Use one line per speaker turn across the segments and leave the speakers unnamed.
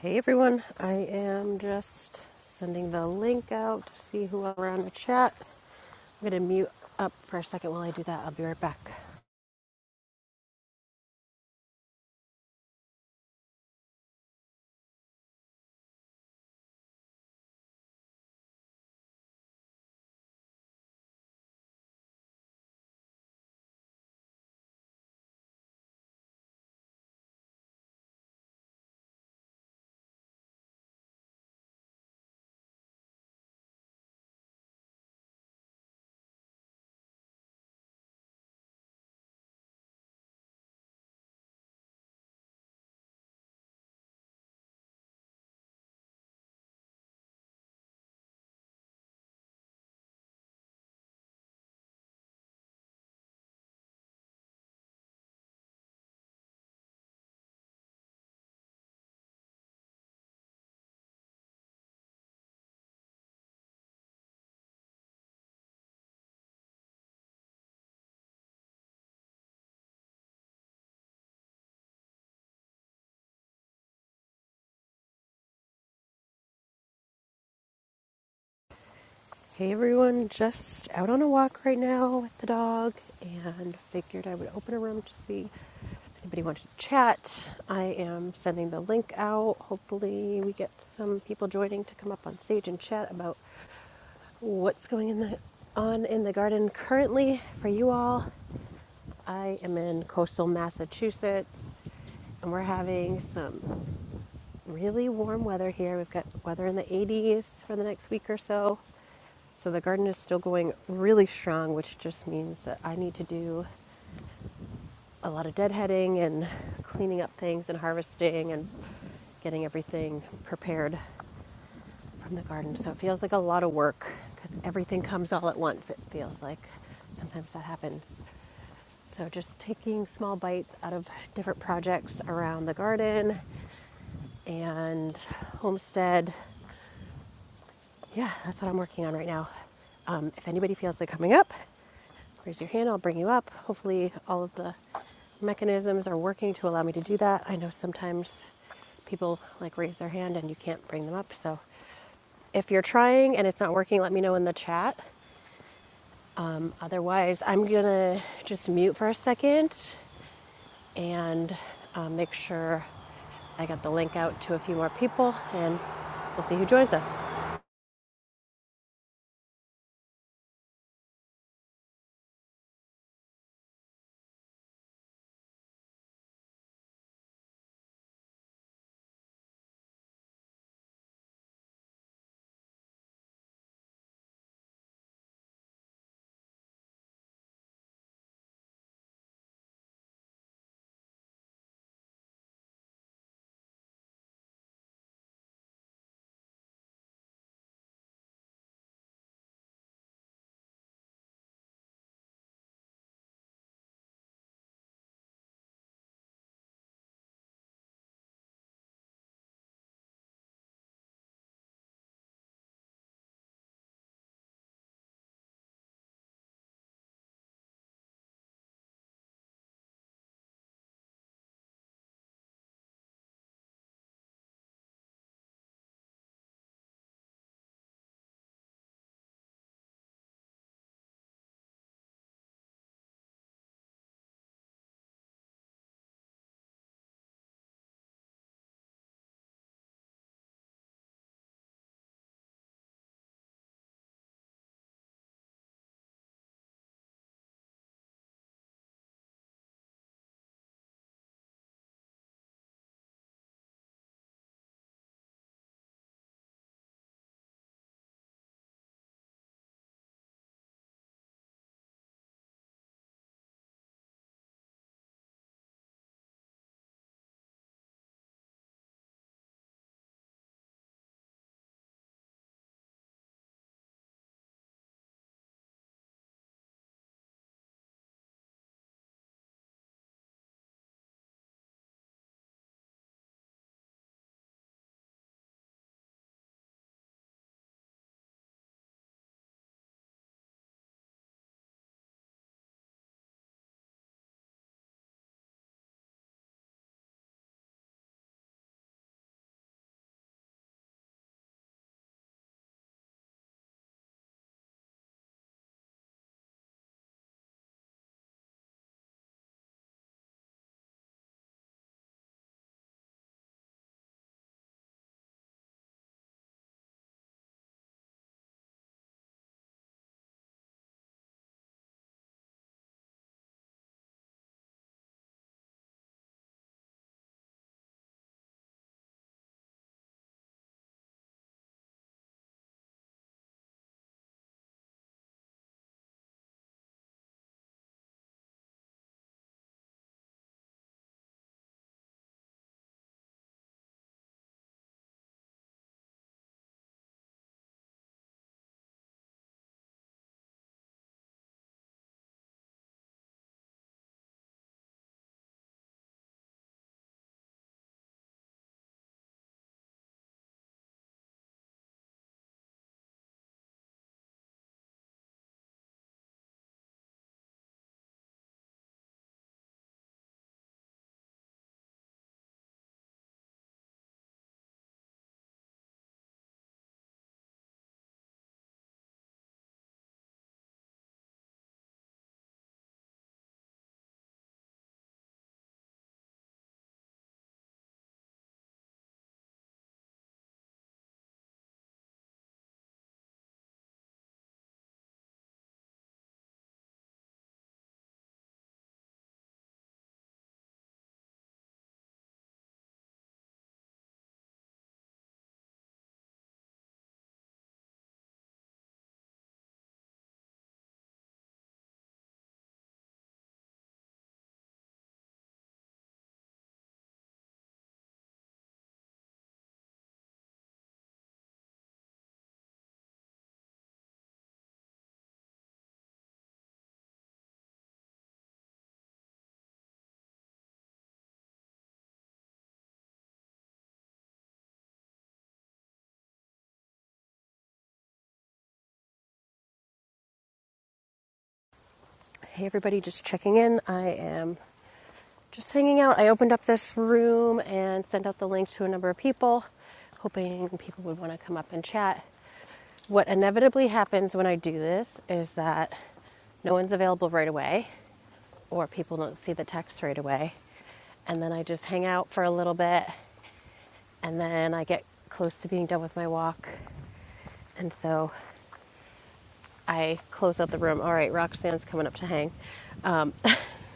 Hey everyone, I am just sending the link out to see who are on the chat. I'm gonna mute up for a second while I do that. I'll be right back. Hey everyone, just out on a walk right now with the dog and figured I would open a room to see if anybody wanted to chat. I am sending the link out. Hopefully, we get some people joining to come up on stage and chat about what's going in the, on in the garden currently for you all. I am in coastal Massachusetts and we're having some really warm weather here. We've got weather in the 80s for the next week or so. So the garden is still going really strong, which just means that I need to do a lot of deadheading and cleaning up things and harvesting and getting everything prepared from the garden. So it feels like a lot of work because everything comes all at once. It feels like sometimes that happens. So, just taking small bites out of different projects around the garden and homestead. Yeah, that's what I'm working on right now. Um, if anybody feels like coming up, raise your hand, I'll bring you up. Hopefully, all of the mechanisms are working to allow me to do that. I know sometimes people like raise their hand and you can't bring them up. So, if you're trying and it's not working, let me know in the chat. Um, otherwise, I'm gonna just mute for a second and uh, make sure I got the link out to a few more people, and we'll see who joins us. Hey, everybody, just checking in. I am just hanging out. I opened up this room and sent out the link to a number of people, hoping people would want to come up and chat. What inevitably happens when I do this is that no one's available right away, or people don't see the text right away. And then I just hang out for a little bit, and then I get close to being done with my walk. And so I close out the room. All right, Roxanne's coming up to hang. Um,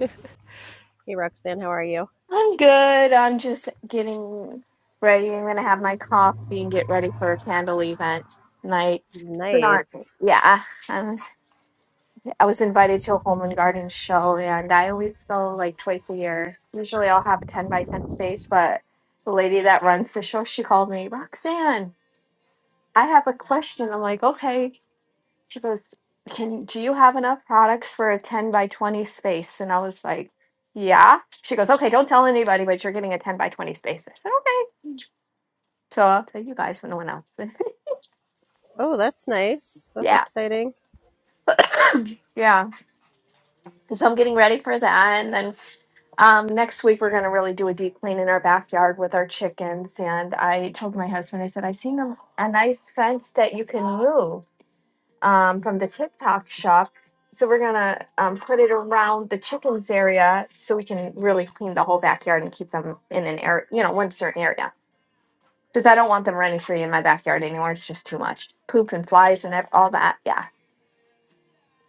hey, Roxanne, how are you?
I'm good. I'm just getting ready. I'm gonna have my coffee and get ready for a candle event tonight. Not,
Nice.
yeah. Um, I was invited to a home and garden show, and I always go like twice a year. Usually, I'll have a ten by ten space, but the lady that runs the show, she called me, Roxanne. I have a question. I'm like, okay. She goes, "Can do you have enough products for a 10 by 20 space?" And I was like, "Yeah." She goes, "Okay, don't tell anybody, but you're getting a 10 by 20 space." I said, "Okay." So I'll tell you guys, but no one else.
Oh, that's nice. That's
yeah,
exciting.
yeah. So I'm getting ready for that, and then um, next week we're gonna really do a deep clean in our backyard with our chickens. And I told my husband, I said, "I seen a, a nice fence that you can move." um, from the TikTok shop. So we're gonna um, put it around the chickens area so we can really clean the whole backyard and keep them in an area, you know, one certain area. Because I don't want them running free in my backyard anymore. It's just too much poop and flies and ev- all that. Yeah.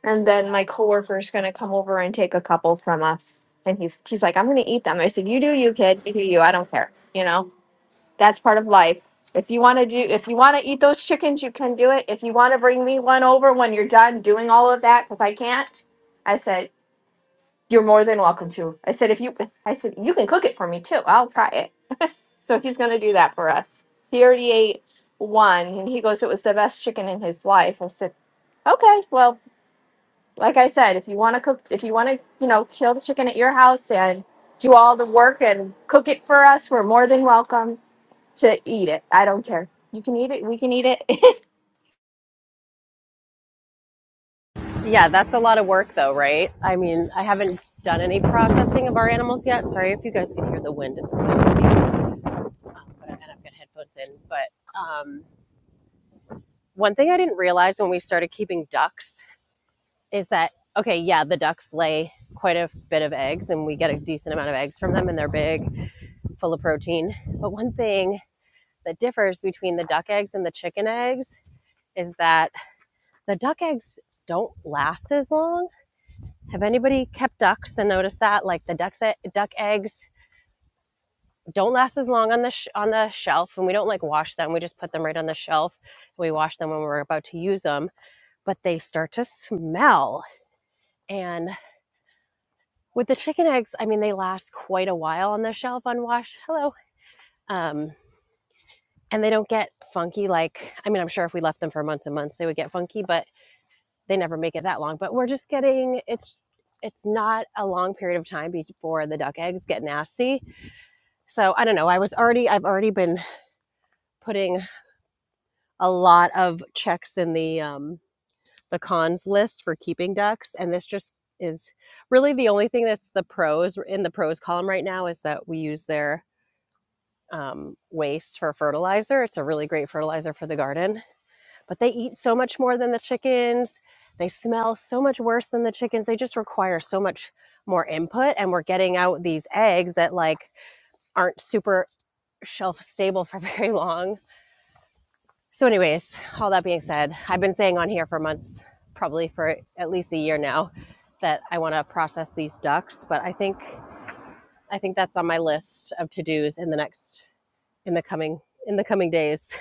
And then my coworker's gonna come over and take a couple from us. And he's he's like, I'm gonna eat them. I said, You do you, kid. You do you. I don't care. You know. That's part of life. If you want to do, if you want to eat those chickens, you can do it. If you want to bring me one over when you're done doing all of that, because I can't, I said, you're more than welcome to. I said, if you, I said, you can cook it for me too. I'll try it. So he's going to do that for us. He already ate one and he goes, it was the best chicken in his life. I said, okay, well, like I said, if you want to cook, if you want to, you know, kill the chicken at your house and do all the work and cook it for us, we're more than welcome to eat it. I don't care. You can eat it. We can eat it.
Yeah, that's a lot of work, though, right? I mean, I haven't done any processing of our animals yet. Sorry if you guys can hear the wind. It's so deep. But and I've got headphones in. But um, one thing I didn't realize when we started keeping ducks is that okay, yeah, the ducks lay quite a bit of eggs, and we get a decent amount of eggs from them, and they're big full of protein. But one thing that differs between the duck eggs and the chicken eggs is that the duck eggs don't last as long. Have anybody kept ducks and noticed that? Like the ducks, e, duck eggs don't last as long on the sh- on the shelf, and we don't like wash them. We just put them right on the shelf. We wash them when we're about to use them, but they start to smell. And with the chicken eggs, I mean, they last quite a while on the shelf unwashed. Hello. Um, and they don't get funky like i mean i'm sure if we left them for months and months they would get funky but they never make it that long but we're just getting it's it's not a long period of time before the duck eggs get nasty so i don't know i was already i've already been putting a lot of checks in the um the cons list for keeping ducks and this just is really the only thing that's the pros in the pros column right now is that we use their um, waste for fertilizer it's a really great fertilizer for the garden but they eat so much more than the chickens. They smell so much worse than the chickens. They just require so much more input. And we're getting out these eggs that like aren't super shelf stable for very long. So, anyways, all that being said, I've been saying on here for months, probably for at least a year now, that I want to process these ducks. But I think I think that's on my list of to dos in the next in the coming in the coming days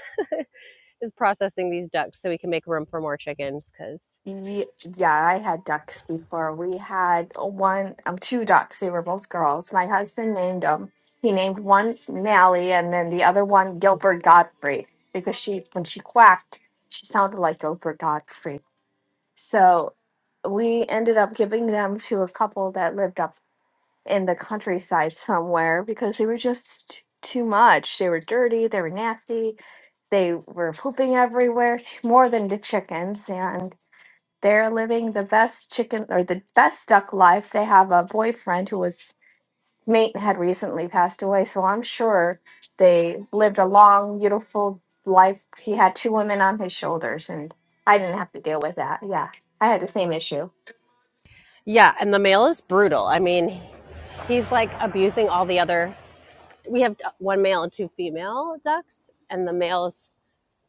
is processing these ducks so we can make room for more chickens. because.
Ye- yeah, I had ducks before. We had one, um, two ducks. They were both girls. My husband named them. He named one Mally, and then the other one Gilbert Godfrey because she, when she quacked, she sounded like Gilbert Godfrey. So we ended up giving them to a couple that lived up in the countryside somewhere because they were just too much. They were dirty. They were nasty They were pooping everywhere, t- more than the chickens, and they're living the best chicken or the best duck life. They have a boyfriend who was mate had recently passed away, so I'm sure they lived a long, beautiful life. He had two women on his shoulders, and I didn't have to deal with that. Yeah, I had the same issue.
Yeah, and the male is brutal. I mean, he's like abusing all the other. We have one male and two female ducks, and the male is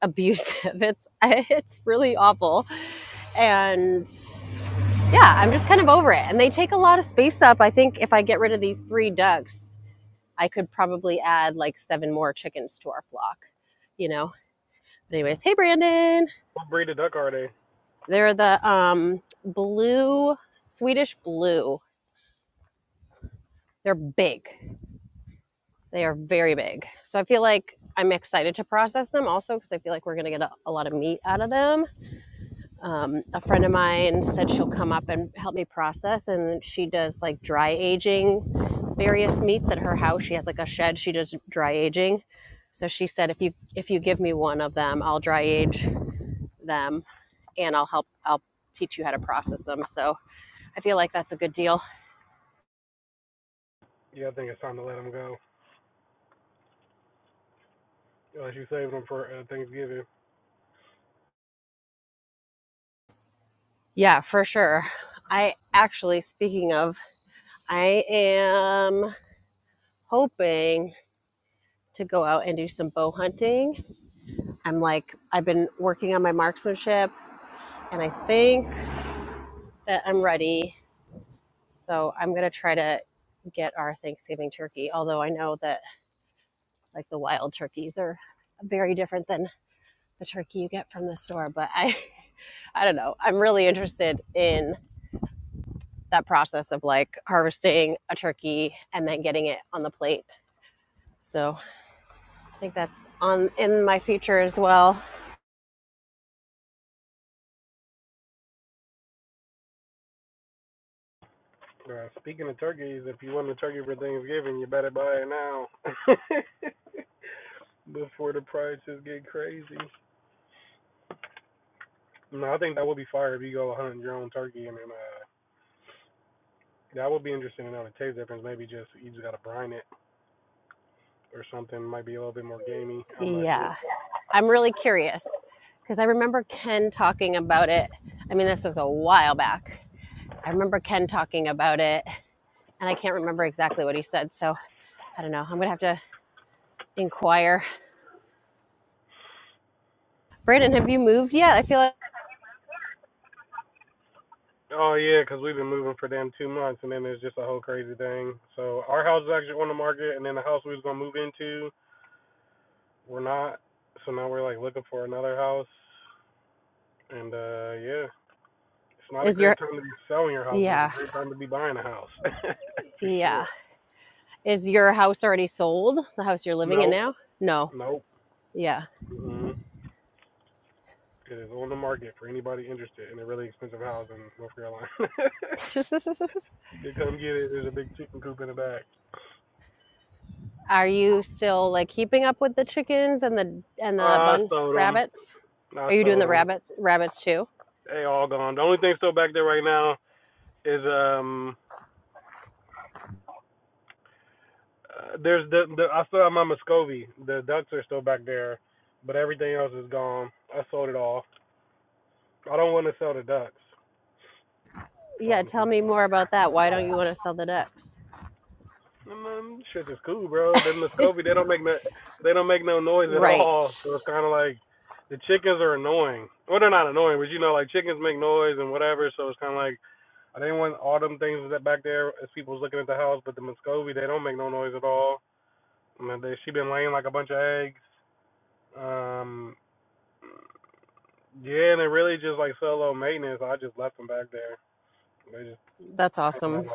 abusive. It's it's really awful. And yeah, I'm just kind of over it. And they take a lot of space up. I think if I get rid of these three ducks, I could probably add like seven more chickens to our flock. You know. But anyways, hey Brandon,
What breed of duck are they?
they're the um blue Swedish blue. They're big. They are very big. So I feel like I'm excited to process them also because I feel like we're going to get a, a lot of meat out of them. Um, a friend of mine said she'll come up and help me process, and she does like dry aging various meats at her house. She has like a shed. She does dry aging. So she said, if you if you give me one of them, I'll dry age them, and I'll help. I'll teach you how to process them. So I feel like that's a good deal.
Yeah, I think it's time to let them go. Unless you save them for uh, Thanksgiving.
Yeah, for sure. I actually, speaking of, I am hoping to go out and do some bow hunting. I'm like, I've been working on my marksmanship and I think that I'm ready. So I'm going to try to get our Thanksgiving turkey, although I know that like the wild turkeys are very different than the turkey you get from the store. But I, I don't know. I'm really interested in that process of like harvesting a turkey and then getting it on the plate. So I think that's on in my future as well.
Uh, speaking of turkeys, if you want a turkey for Thanksgiving, you better buy it now. Before the prices get crazy. No, I think that would be fire if you go hunt your own turkey and then, uh, that would be interesting to know the taste difference. Maybe just you just gotta brine it or something. Might be a little bit more gamey. I'm not
Yeah.
sure.
I'm really curious because I remember Ken talking about it. I mean, this was a while back. I remember Ken talking about it, and I can't remember exactly what he said. So I don't know. I'm gonna have to inquire. Brandon, have you moved yet? I feel like
Oh yeah, because 'cause we've been moving for damn two months, and then it's just a whole crazy thing. So our house is actually on the market, and then the house we was gonna move into we're not. So now we're like looking for another house, and uh yeah, it's not a
is your
great time to be selling your house, but it's a
yeah
great time to be buying a house for
yeah
sure.
is your house already sold? The house you're living in
Nope,
now? No.
nope.
Yeah.
Mm-mm. It is on the market for anybody interested in a really expensive house in North Carolina. you can come get it. There's a big chicken coop in the back.
Are you still like keeping up with the chickens and the and the
Uh, I
bun
sold them.
rabbits?
I
Are you doing
sold
the
them.
rabbits rabbits too?
They all gone. The only thing still back there right now is um Uh, there's the, the I still have my Muscovy. The ducks are still back there, but everything else is gone. I sold it all. I don't want to sell the ducks, so
Yeah,
I'm
tell
keeping
me
them.
more about that. Why don't
Yeah.
you want to sell the ducks?
And then shit is cool, bro. The Muscovy they don't make no they don't make no noise at
Right.
all. So it's kind of like the chickens are annoying. Well, they're not annoying, but you know, like chickens make noise and whatever. So it's kind of like I didn't want all them things that back there as people's looking at the house, but the Muscovy they don't make no noise at all. I mean, they she been laying like a bunch of eggs. Um, Yeah, and it really just like solo maintenance. I just left them back there. They just
That's
hang out.
awesome.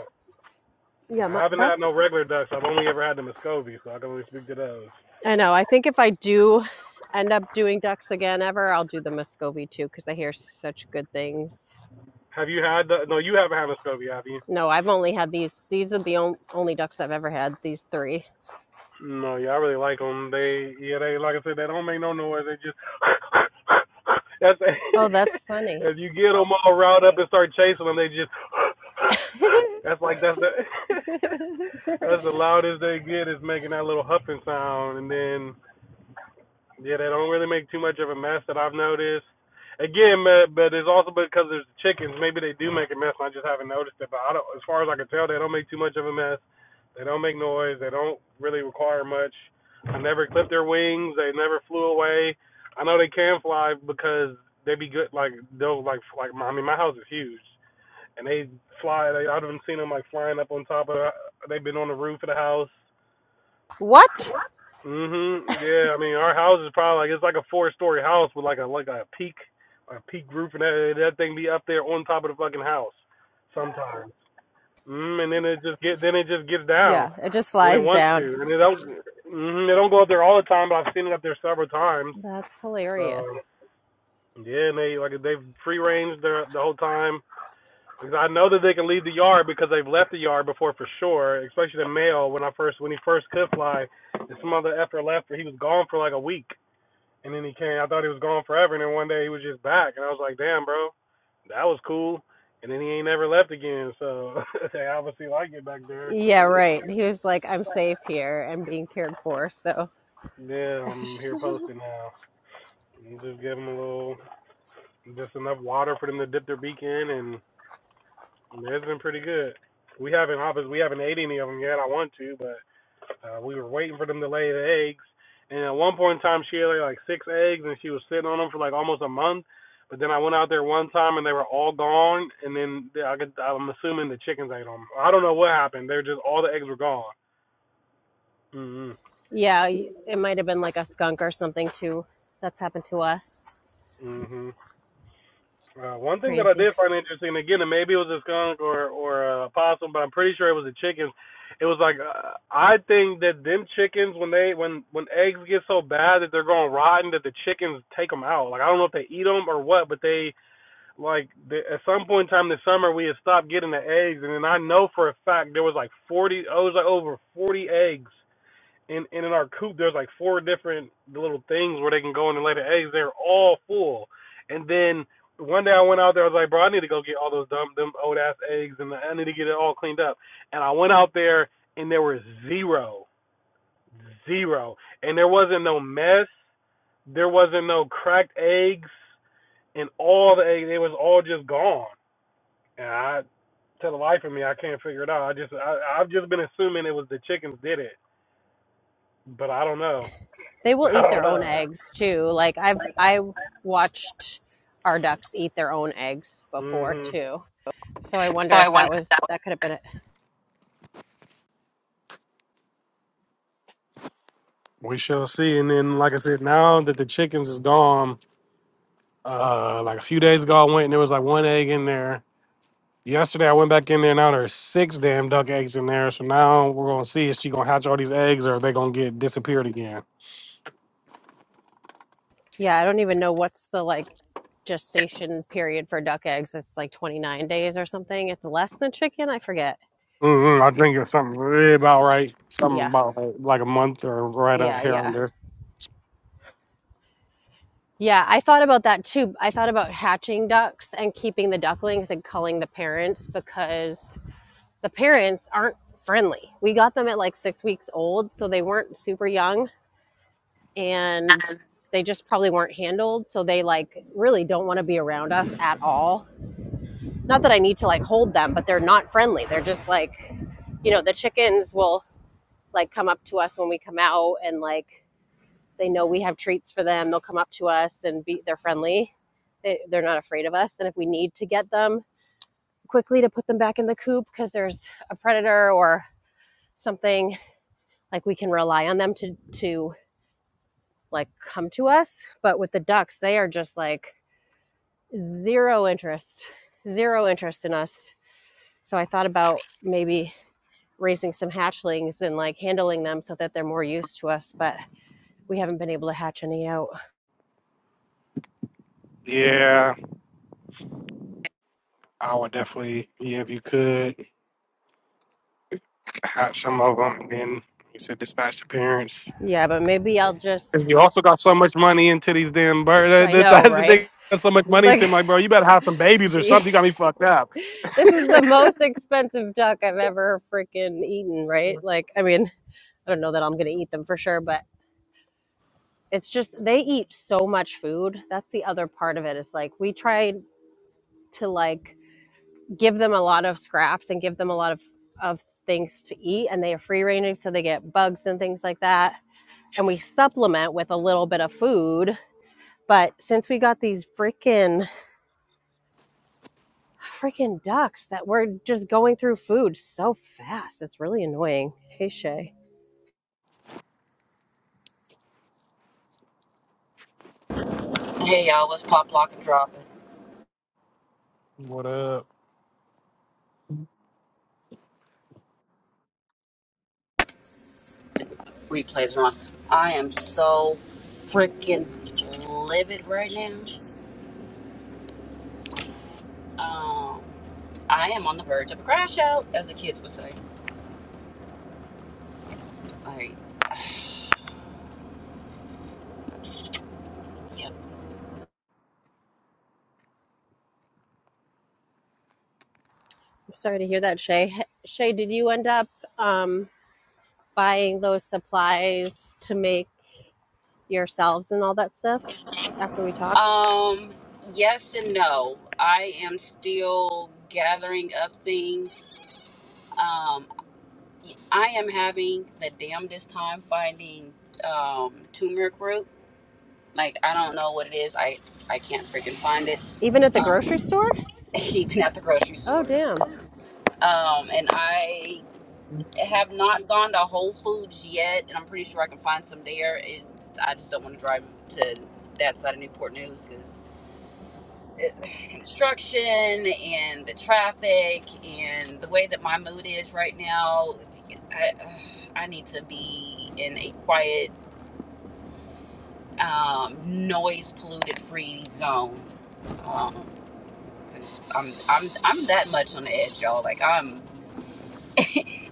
Nah,
Yeah, my,
I haven't had
that's
no regular ducks. I've only ever had the Muscovy, so I can only speak to those.
I know. I think if I do end up doing ducks again ever, I'll do the Muscovy too cuz I hear such good things.
Have you had the? No, you haven't had Muscovy, have you?
No, I've only had these. These are the on, only ducks I've ever had, these 3.
No, yeah, I really like them. They, yeah, they like I said, they don't make no noise. They just that's
Oh, that's funny.
if you get them all riled up and start chasing them, they just that's like that's the that's the loudest they get is making that little huffing sound, and then Yeah, they don't really make too much of a mess that I've noticed. Again, ma- but it's also because there's chickens. Maybe they do make a mess, and I just haven't noticed it. But I don't, as far as I can tell, they don't make too much of a mess. They don't make noise. They don't really require much. I never clipped their wings. They never flew away. I know they can fly because they be good. Like they'll like like. I mean, my house is huge, and they fly. They, I've even seen them like flying up on top of. They've been on the roof of the house
What?
Mhm. Yeah. I mean, our house is probably like it's like a four-story house with like a like a peak, a peak roof, and that that thing be up there on top of the fucking house sometimes. Mm, and then it just get then it just gets down
Yeah, it just
when it
flies
wants
down.
to, and it don't. Mhm. They don't go up there all the time, but I've seen it up there several times.
That's hilarious.
So yeah, and they like they've free range the the whole time. Because I know that they can leave the yard because they've left the yard before for sure, especially the male when I first when he first could fly. This mother after left, he was gone for like a week. And then he came. I thought he was gone forever, and then one day he was just back, and I was like, damn, bro, that was cool. And then he ain't never left again, so they obviously like it back there.
Yeah, right. He was like, I'm safe here and being cared for. So
Yeah, I'm here posting now. And Just give them a little, just enough water for them to dip their beak in, and it's been pretty good. We haven't obviously we haven't ate any of them yet. I want to, but Uh, we were waiting for them to lay the eggs, and at one point in time she had like six eggs, and she was sitting on them for like almost a month. But then I went out there one time and they were all gone, and then I could, I'm assuming the chickens ate them. I don't know what happened. They're just all the eggs were gone. Mhm.
Yeah, it might have been like a skunk or something too. That's happened to us.
Mhm. Uh, one thing that I
Crazy.
did find interesting, again, and maybe it was a skunk or or a possum, but I'm pretty sure it was the chickens. It was like uh, I think that them chickens when they when when eggs get so bad that they're going rotten that the chickens take them out. Like I don't know if they eat them or what, but they like the, at some point in time this summer we had stopped getting the eggs, and then I know for a fact there was like 40. I was like over 40 eggs and, and in our coop there's like four different little things where they can go in and lay the eggs. They're all full. And then one day I went out there. I was like, bro, I need to go get all those dumb, them old ass eggs, and I need to get it all cleaned up. And I went out there, and there was zero, zero, and there wasn't no mess. There wasn't no cracked eggs, and all the eggs, it was all just gone. And I, to the life of me, I can't figure it out. I just, I, I've just been assuming it was the chickens did it, but I don't know.
They will
I
eat
don't
their own
know.
eggs too. Like I've I watched our ducks eat their own eggs before
hmm
too. So I
So
wonder
I
if that
wonder if
was
that
that could have been it.
would. We shall see. And then, like I said, now that the chickens is gone, uh, like a few days ago, I went and there was like one egg in there. Yesterday, I went back in there. Now there's six damn duck eggs in there. So now we're gonna see if she gonna hatch all these eggs or are they gonna get disappeared again.
Yeah, I don't even know what's the like gestation period for duck eggs. It's like 29 days or something. It's less than chicken, I forget.
hmm I think it's something really about right. Something
Yeah.
about like, like a month or right on
Yeah,
here on
yeah.
there.
Yeah, I thought about that too. I thought about hatching ducks and keeping the ducklings and culling the parents because the parents aren't friendly. We got them at like six weeks old, so they weren't super young and they just probably weren't handled. So they like really don't want to be around us at all. Not that I need to like hold them, but they're not friendly. They're just like, you know, the chickens will like come up to us when we come out and like they know we have treats for them. They'll come up to us and be, they're friendly. They, they're not afraid of us. And if we need to get them quickly to put them back in the coop because there's a predator or something like we can rely on them to to like come to us but with the ducks they are just like zero interest zero interest in us so i thought about maybe raising some hatchlings and like handling them so that they're more used to us but we haven't been able to hatch any out
Yeah, I would definitely. Yeah, if you could hatch some of them and then you said dispatch the parents.
yeah but maybe i'll just
And you also got so much money into these damn birds.
i know
That's the
right
thing. Got so much
it's
money into
like
him. Like, bro, you better have some babies or something.
this
You got me fucked up.
is the most expensive duck i've ever freaking eaten right like i mean i don't know that i'm gonna eat them for sure but it's just they eat so much food. That's the other part of it. It's like we try to like give them a lot of scraps and give them a lot of of things to eat and they are free ranging so they get bugs and things like that. And we supplement with a little bit of food. But since we got these freaking freaking ducks that were just going through food so fast, it's really annoying. Hey Shay.
Hey y'all, let's pop, lock, and drop it.
What up?
Replays are on. I am so freaking livid right now. Um, I am on the verge of a crash out, as the kids would say. Alright, yep.
I'm sorry to hear that, Shay. Shay, did you end up um buying those supplies to make yourselves and all that stuff after we talked?
Um, yes and no. I am still gathering up things. Um, I am having the damnedest time finding um turmeric root. Like I don't know what it is. I I can't freaking find it.
Even at the
Uh,
grocery store?
even at the grocery
Oh,
store.
damn.
Um, and I have not gone to Whole Foods yet, and I'm pretty sure I can find some there. It's, I just don't want to drive to that side of Newport News because construction and the traffic and the way that my mood is right now, I, I need to be in a quiet, um, noise polluted free zone. because i 'cause I'm, I'm, I'm that much on the edge, y'all. Like I'm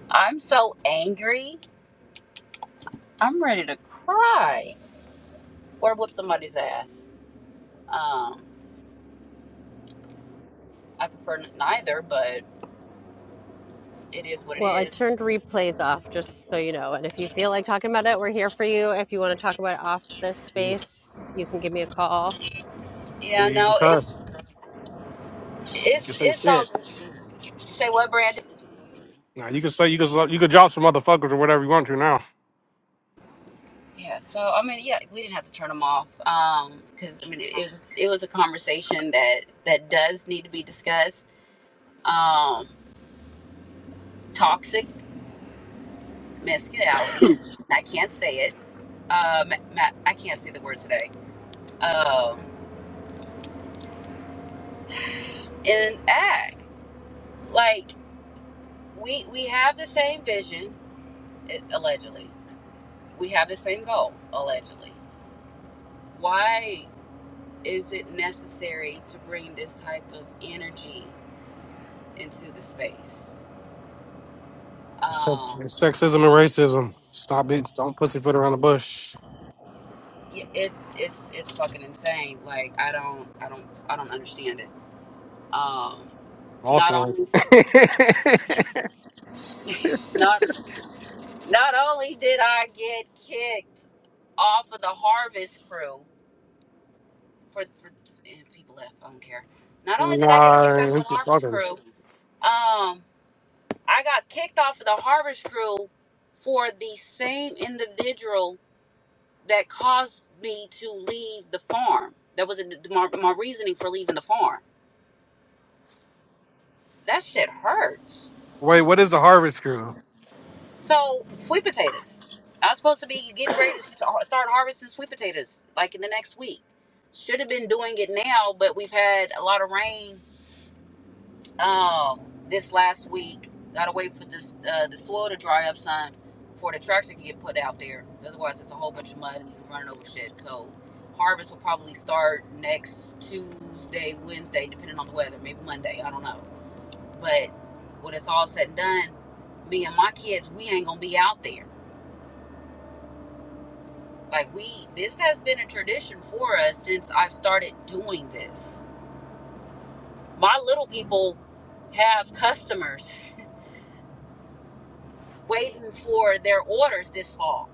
I'm so angry. I'm ready to cry or whoop somebody's ass. Um, I prefer neither, but it is what it
Well, I
is.
turned replays off just so you know. And if you feel like talking about it, we're here for you. If you want to talk about it off this
You
space, you can give me a call.
Yeah,
you can
no,
cuss.
it's
You can
it's
say
it's all.
shit.
Say what, Brandon?
Now you can say you can you can drop some motherfuckers or whatever you want to now.
Yeah. So I mean, yeah, we didn't have to turn them off. Um, because I mean, it was it was a conversation that that does need to be discussed. Um, toxic masculinity. I can't say it. Um, ma- I can't say the word today. Um, in ag, like. we we have the same vision eh, allegedly we have the same goal allegedly why is it necessary to bring this type of energy into the space
It's, sex,
um
it's sexism and racism. Stop it. Don't pussyfoot around the bush.
yeah, it's it's it's fucking insane like i don't i don't i don't understand it um not
Awesome. one.
only not not only did i get kicked off of the harvest crew for for people left i don't care not only did i get kicked off of
nah,
the
it's a
harvest
fucking.
crew Um, I got kicked off of the harvest crew for the same individual that caused me to leave the farm. That was a, my, my reasoning for leaving the farm. That shit hurts.
Wait, what is the harvest crew?
So, sweet potatoes. I was supposed to be getting ready to start harvesting sweet potatoes like in the next week. Should have been doing it now, but we've had a lot of rain um this last week. Gotta wait for this uh, the soil to dry up, son, before the tractor can get put out there. Otherwise, it's a whole bunch of mud and running over shit. So harvest will probably start next Tuesday, Wednesday, depending on the weather. Maybe Monday. I don't know. But when it's all said and done, me and my kids, we ain't gonna be out there. Like we, this has been a tradition for us since I've started doing this. My little people have customers. waiting for their orders this fall.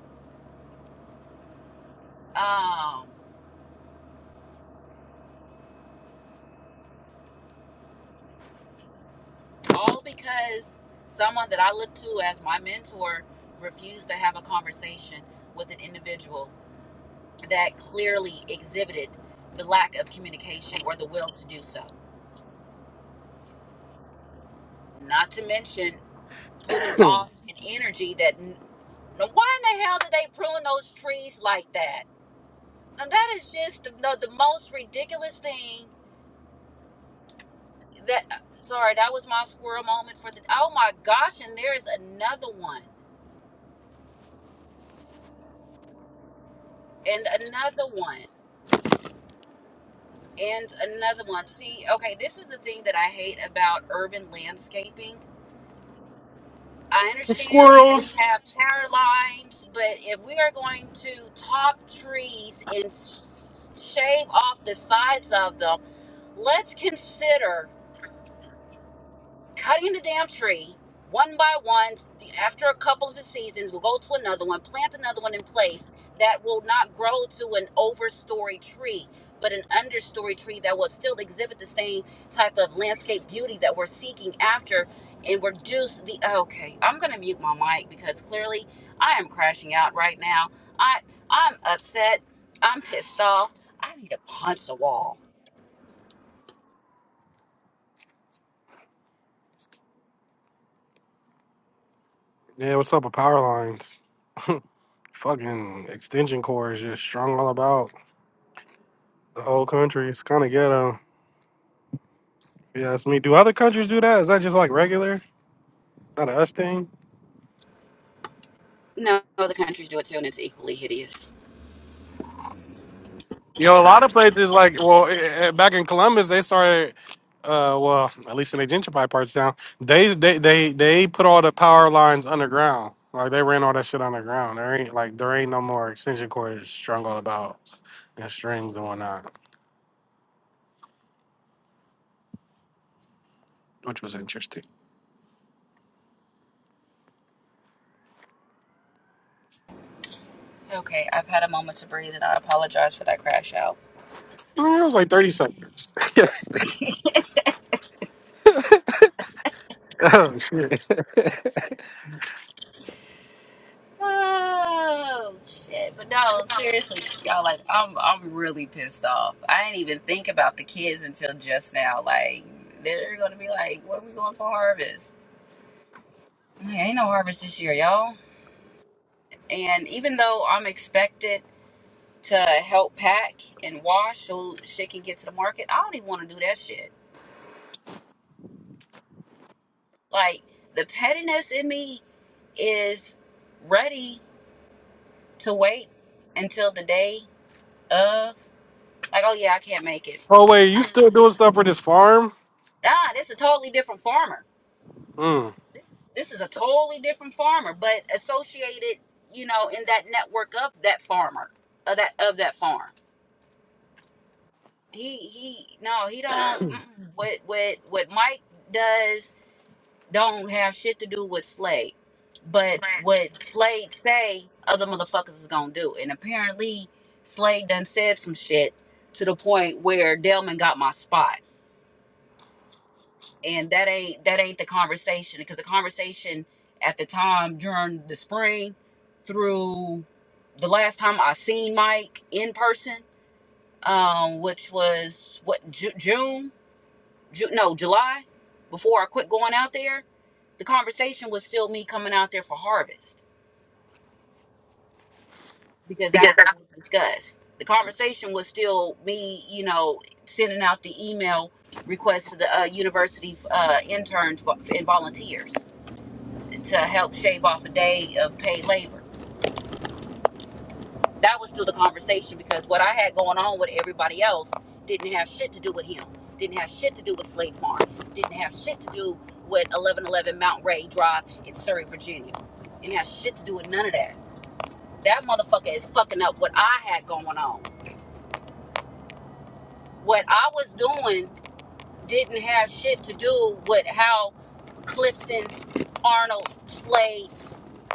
Um, all because someone that I look to as my mentor refused to have a conversation with an individual that clearly exhibited the lack of communication or the will to do so. Not to mention putting
The
off an energy that, now why in the hell did they prune those trees like that? Now that is just the, the the most ridiculous thing that sorry that was my squirrel moment for the oh my gosh and there is another one and another one and another one see okay this is the thing that i hate about urban landscaping i understand we
Squirrels.
have power lines but if we are going to top trees and s- shave off the sides of them let's consider cutting the damn tree one by one after a couple of the seasons we'll go to another one plant another one in place that will not grow to an overstory tree but an understory tree that will still exhibit the same type of landscape beauty that we're seeking after and reduce the okay i'm gonna mute my mic because clearly i am crashing out right now i i'm upset i'm pissed off i need to punch the wall
Yeah, what's up with power lines? fucking extension cords just strung all about the whole country. It's kind of ghetto. Yeah, you me, do other countries do that? Is that just like regular, not a us thing?
no other countries do it too and it's equally hideous
You know, a lot of places like well, eh, eh, back in Columbus, they started. Uh, well, at least in the gentrified parts of town, they they they they put all the power lines underground. Like they ran all that shit underground. There ain't like there ain't no more extension cords strung all about and strings and whatnot, which was interesting.
Okay, I've had a moment to breathe and I apologize for that crash out.
I mean, it was like thirty seconds. oh shit.
Oh shit. But no, seriously, y'all like I'm I'm really pissed off. I didn't even think about the kids until just now. Like they're gonna be like, Where we going for harvest? I mean, ain't no harvest this year, y'all. And even though I'm expected to help pack and wash so shit can get to the market, I don't even wanna do that shit. Like the pettiness in me is ready to wait until the day of like, oh yeah, I can't make it.
Oh wait, you
I-
still doing stuff for this farm?
Ah, this is a totally different farmer.
Mm.
This is a totally different farmer, but associated, you know, in that network of that farmer, of that of that farm. He he no, he don't mm-mm. what what what Mike does don't have shit to do with Slade. But what Slade say, other motherfuckers is gonna do. And apparently Slade done said some shit to the point where Delman got my spot and that ain't that ain't the conversation because the conversation at the time during the spring through the last time I seen Mike in person, um, which was what Ju- June, Ju- no July, before I quit going out there. The conversation was still me coming out there for harvest because
Because
that's
I-
what was discussed. The conversation was still me, you know, sending out the email request to the uh, university uh, interns and volunteers. to help shave off a day of paid labor. That was still the conversation because what I had going on with everybody else didn't have shit to do with him. Didn't have shit to do with Slate Farm. Didn't have shit to do with 1111 Mount Ray Drive in Surrey, Virginia. Didn't have shit to do with none of that. That motherfucker is fucking up what I had going on. What I was doing didn't have shit to do with how Clifton, Arnold, Slade,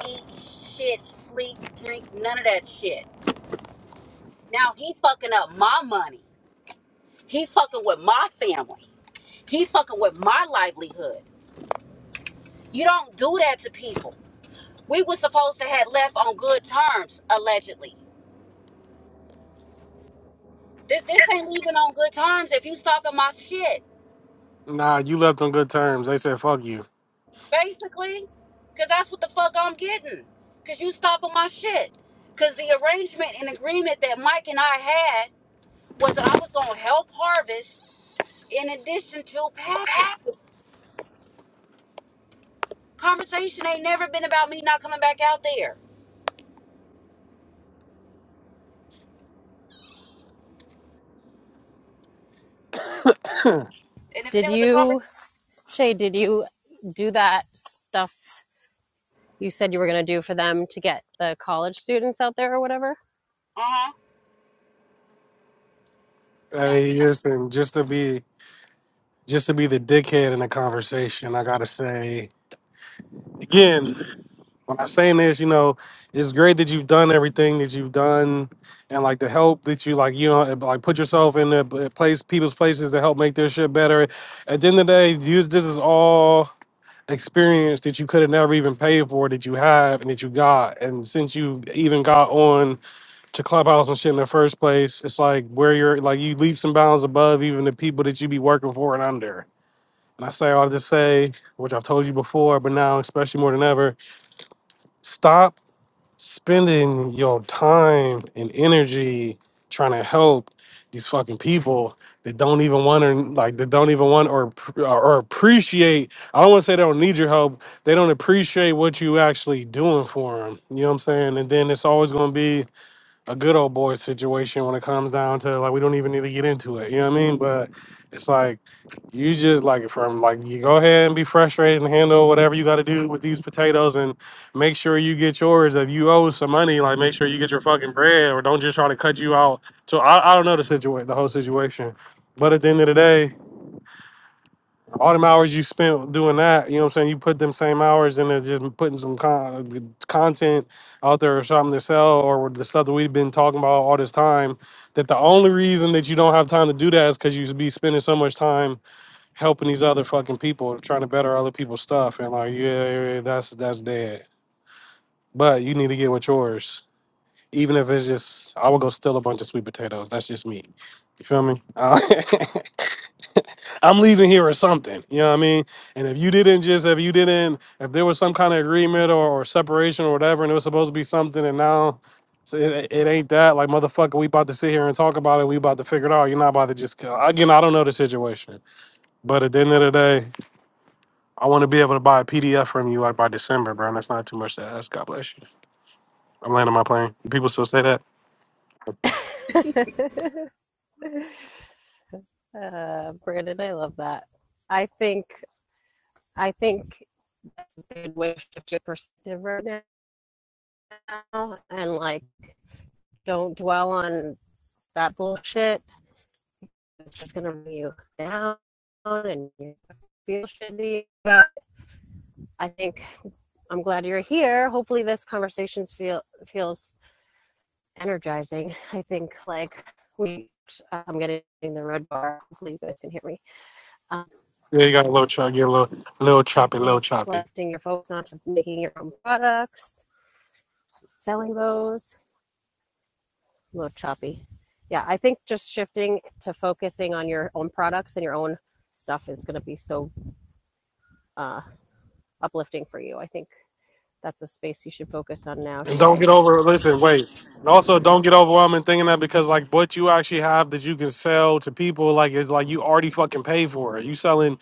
eat shit, sleep, drink, none of that shit Now he fucking up my money. He fucking with my family. He fucking with my livelihood. You don't do that to people. We were supposed to have left on good terms, allegedly. This this ain't leaving on good terms if you stopping my shit,
Nah, you left on good terms. They said fuck you.
basically. Cause that's what the fuck I'm getting. Cause you stopping my shit. Cause the arrangement and agreement that Mike and I had was that I was gonna help harvest in addition to packing. Conversation ain't never been about me not coming back out there. And if it
Did
was a
you,
conversation,
Shay, did you do that stuff you said you were going to do for them to get the college students out there or whatever?
uh huh. No,
Hey, listen, just to be just to be the dickhead in the conversation, I gotta say again, when I'm saying this, you know, it's great that you've done everything that you've done and like the help that you like, you know, like put yourself in the uh, place people's places to help make their shit better. At the end of the day, you, this is all experience that you could have never even paid for that you have and that you got. And since you even got on to Clubhouse and shit in the first place, it's like where you're like you leaps and bounds above even the people that you be working for and under. And I say all this to say, which I've told you before, but now especially more than ever, stop spending your time and energy trying to help these fucking people that don't even want to like that don't even want or or appreciate i don't want to say they don't need your help they don't appreciate what you actually doing for them you know what i'm saying and then it's always going to be a good old boy situation when it comes down to like we don't even need to get into it. You know what I mean? But it's like you just like from like you go ahead and be frustrated and handle whatever you got to do with these potatoes and make sure you get yours. If you owe some money, like make sure you get your fucking bread or don't just try to cut you out. So I, I don't know the situation, the whole situation. But at the end of the day, all them hours you spent doing that, you know what I'm saying? You put them same hours into just putting some con- content out there or something to sell or the stuff that we've been talking about all this time. That the only reason that you don't have time to do that is because you be spending so much time helping these other fucking people, trying to better other people's stuff. And like, yeah, yeah, yeah, that's that's dead. But you need to get with yours even if it's just I would go steal a bunch of sweet potatoes. That's just me. You feel me? Uh, I'm leaving here or something. You know what I mean? And if you didn't just if you didn't if there was some kind of agreement or, or separation or whatever, and it was supposed to be something, and now so it, it ain't that. Like motherfucker, we about to sit here and talk about it. We about to figure it out. You're not about to just kill. Again, I don't know the situation, but at the end of the day, I want to be able to buy a PDF from you like by December, bro. And that's not too much to ask. God bless you. I'm landing my plane. People still say that.
uh, Brandon, I love that. I think I think good way to shift your perspective right now now and like don't dwell on that bullshit. It's just gonna bring you down and you feel shitty. But I think I'm glad you're here. Hopefully this conversation feel feels energizing. I think like we I'm getting the red bar. Hopefully you guys can hear me. Um,
Yeah, you got a little chop, get a little, little
I
choppy, little
think
choppy.
lifting your focus onto making your own products, selling those, a little choppy. Yeah, I think just shifting to focusing on your own products and your own stuff is going to be so uh, uplifting for you. I think that's a space you should focus on now,
And don't
Shay.
get over. Listen, wait. And also, don't get overwhelmed and thinking that because like what you actually have that you can sell to people, like it's like you already fucking pay for it. You selling.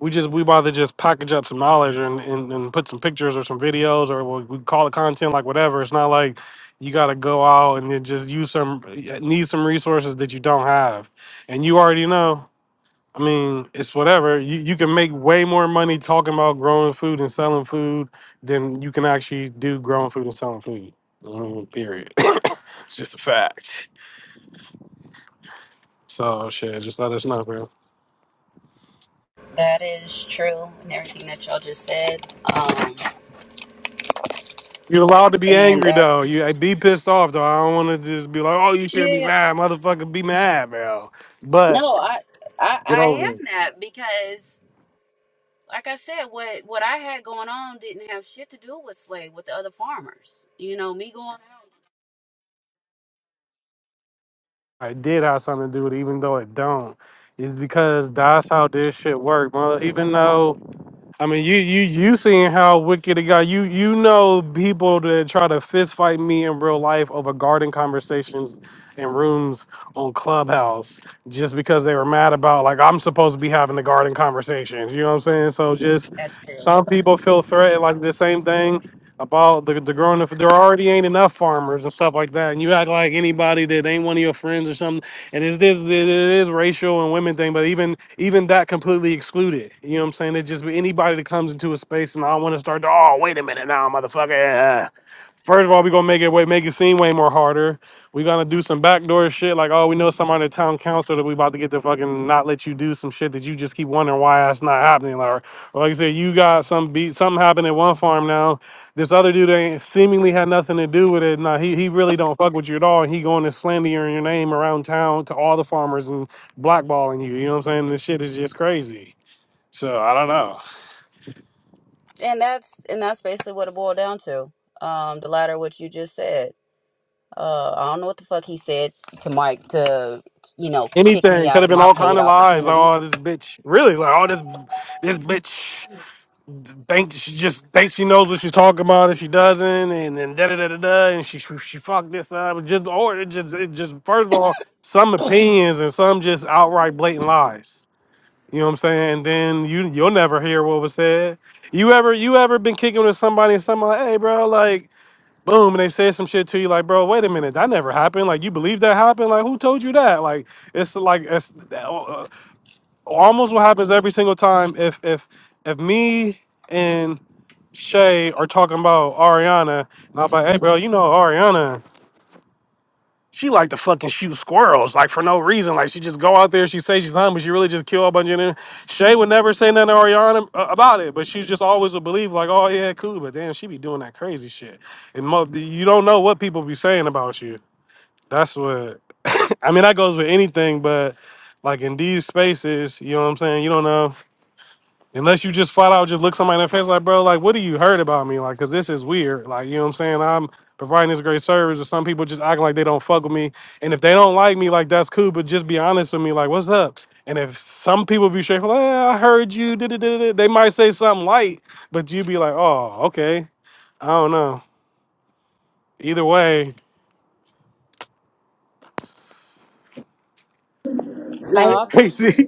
We just we about to just package up some knowledge and, and and put some pictures or some videos or what we call it content, like whatever. It's not like you got to go out and then just use some need some resources that you don't have, and you already know. I mean, it's whatever. You you can make way more money talking about growing food and selling food than you can actually do growing food and selling food. I mean, period. it's just a fact. So shit, just let us know, bro.
that is true, and everything that y'all just said. Um,
You're allowed to be
and
angry though.
that's
You I be pissed off though. I don't want to just be like, oh, you should be
yeah.
mad, motherfucker. Be mad, bro. But
No, I I
get
I
over it.
am that because, like I said, what what I had going on didn't have shit to do with slave with the other farmers. You know, me going out.
I did have something to do with it, even though it don't. Is because that's how this shit work, mother. Even though I mean, you you you seen how wicked it got. You you know people that try to fist fight me in real life over garden conversations in rooms on Clubhouse just because they were mad about like I'm supposed to be having the garden conversations. You know what I'm saying? So just.
That's true.
Some people feel threatened, like the same thing about the, the growing up. There already ain't enough farmers and stuff like that. And you act like anybody that ain't one of your friends or something. And it's this, it is racial and women thing, but even even that completely excluded. You know what I'm saying? It just anybody that comes into a space and I want to start to, oh, wait a minute now, motherfucker. First of all, we're gonna make it way make it seem way more harder. We're gonna do some backdoor shit like, oh, we know somebody in the town council that we about to get to fucking not let you do some shit that you just keep wondering why that's not happening. Like, or like I said, you got some beat something happened at one farm now. This other dude ain't seemingly had nothing to do with it. Nah, he he really don't fuck with you at all. And he going to slandering your name around town to all the farmers and blackballing you. You know what I'm saying? This shit is just crazy. So I don't know.
And that's and that's basically what it boiled down to. Um, the latter, what you just said. Uh, I don't know what the fuck he said to Mike to, you know, kick me
anything. Could
out
have
of
been
my
all kind
paid
of lies. Like,
opportunity.
oh, this bitch, really? Like, oh, this this bitch thinks she just thinks she knows what she's talking about, and she doesn't, and and da da da da da, and she she she fucked this up. Just or it just it just first of all, some opinions and some just outright blatant lies. You know what I'm saying? And then you you'll never hear what was said. You ever you ever been kicking with somebody and somebody like, hey bro, like boom, and they said some shit to you like, bro, wait a minute, that never happened. Like, you believe that happened? Like, who told you that? Like, it's like it's uh, almost what happens every single time. If if if me and Shay are talking about Ariana, and I'm like, hey, bro, you know Ariana. She like to fucking shoot squirrels, like for no reason. Like she just go out there, she say she's hungry, she really just kill a bunch of them. Shay would never say nothing to Ariana uh, about it, but she just always would believe like, oh yeah, cool. But damn, she be doing that crazy shit. And mo- you don't know what people be saying about you. That's what. I mean, that goes with anything, but like in these spaces, you know what I'm saying. You don't know. Unless you just flat out just look somebody in the face like, bro, like, what do you heard about me? Like, cause this is weird. Like, you know what I'm saying? I'm providing this great service, or some people just acting like they don't fuck with me. And if they don't like me, like that's cool, but just be honest with me, like, what's up? And if some people be straight, like, "Eh, I heard you, da da da da," they might say something light, but you be like, oh, okay, I don't know. Either way,
I
shit
No,
crazy,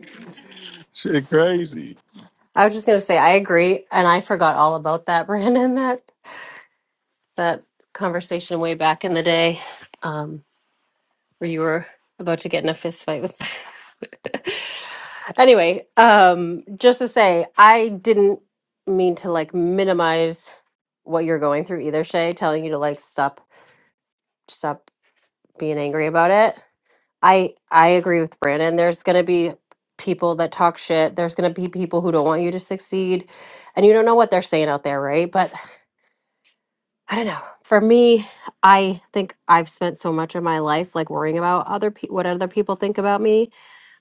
shit crazy.
I was just gonna say I agree, and I forgot all about that, Brandon. That that conversation way back in the day. Um, or you were about to get in a fist fight with anyway um just to say i didn't mean to like minimize what you're going through either shay telling you to like stop stop being angry about it i i agree with brandon there's gonna be people that talk shit there's gonna be people who don't want you to succeed and you don't know what they're saying out there right but i don't know for me i think i've spent so much of my life like worrying about other people what other people think about me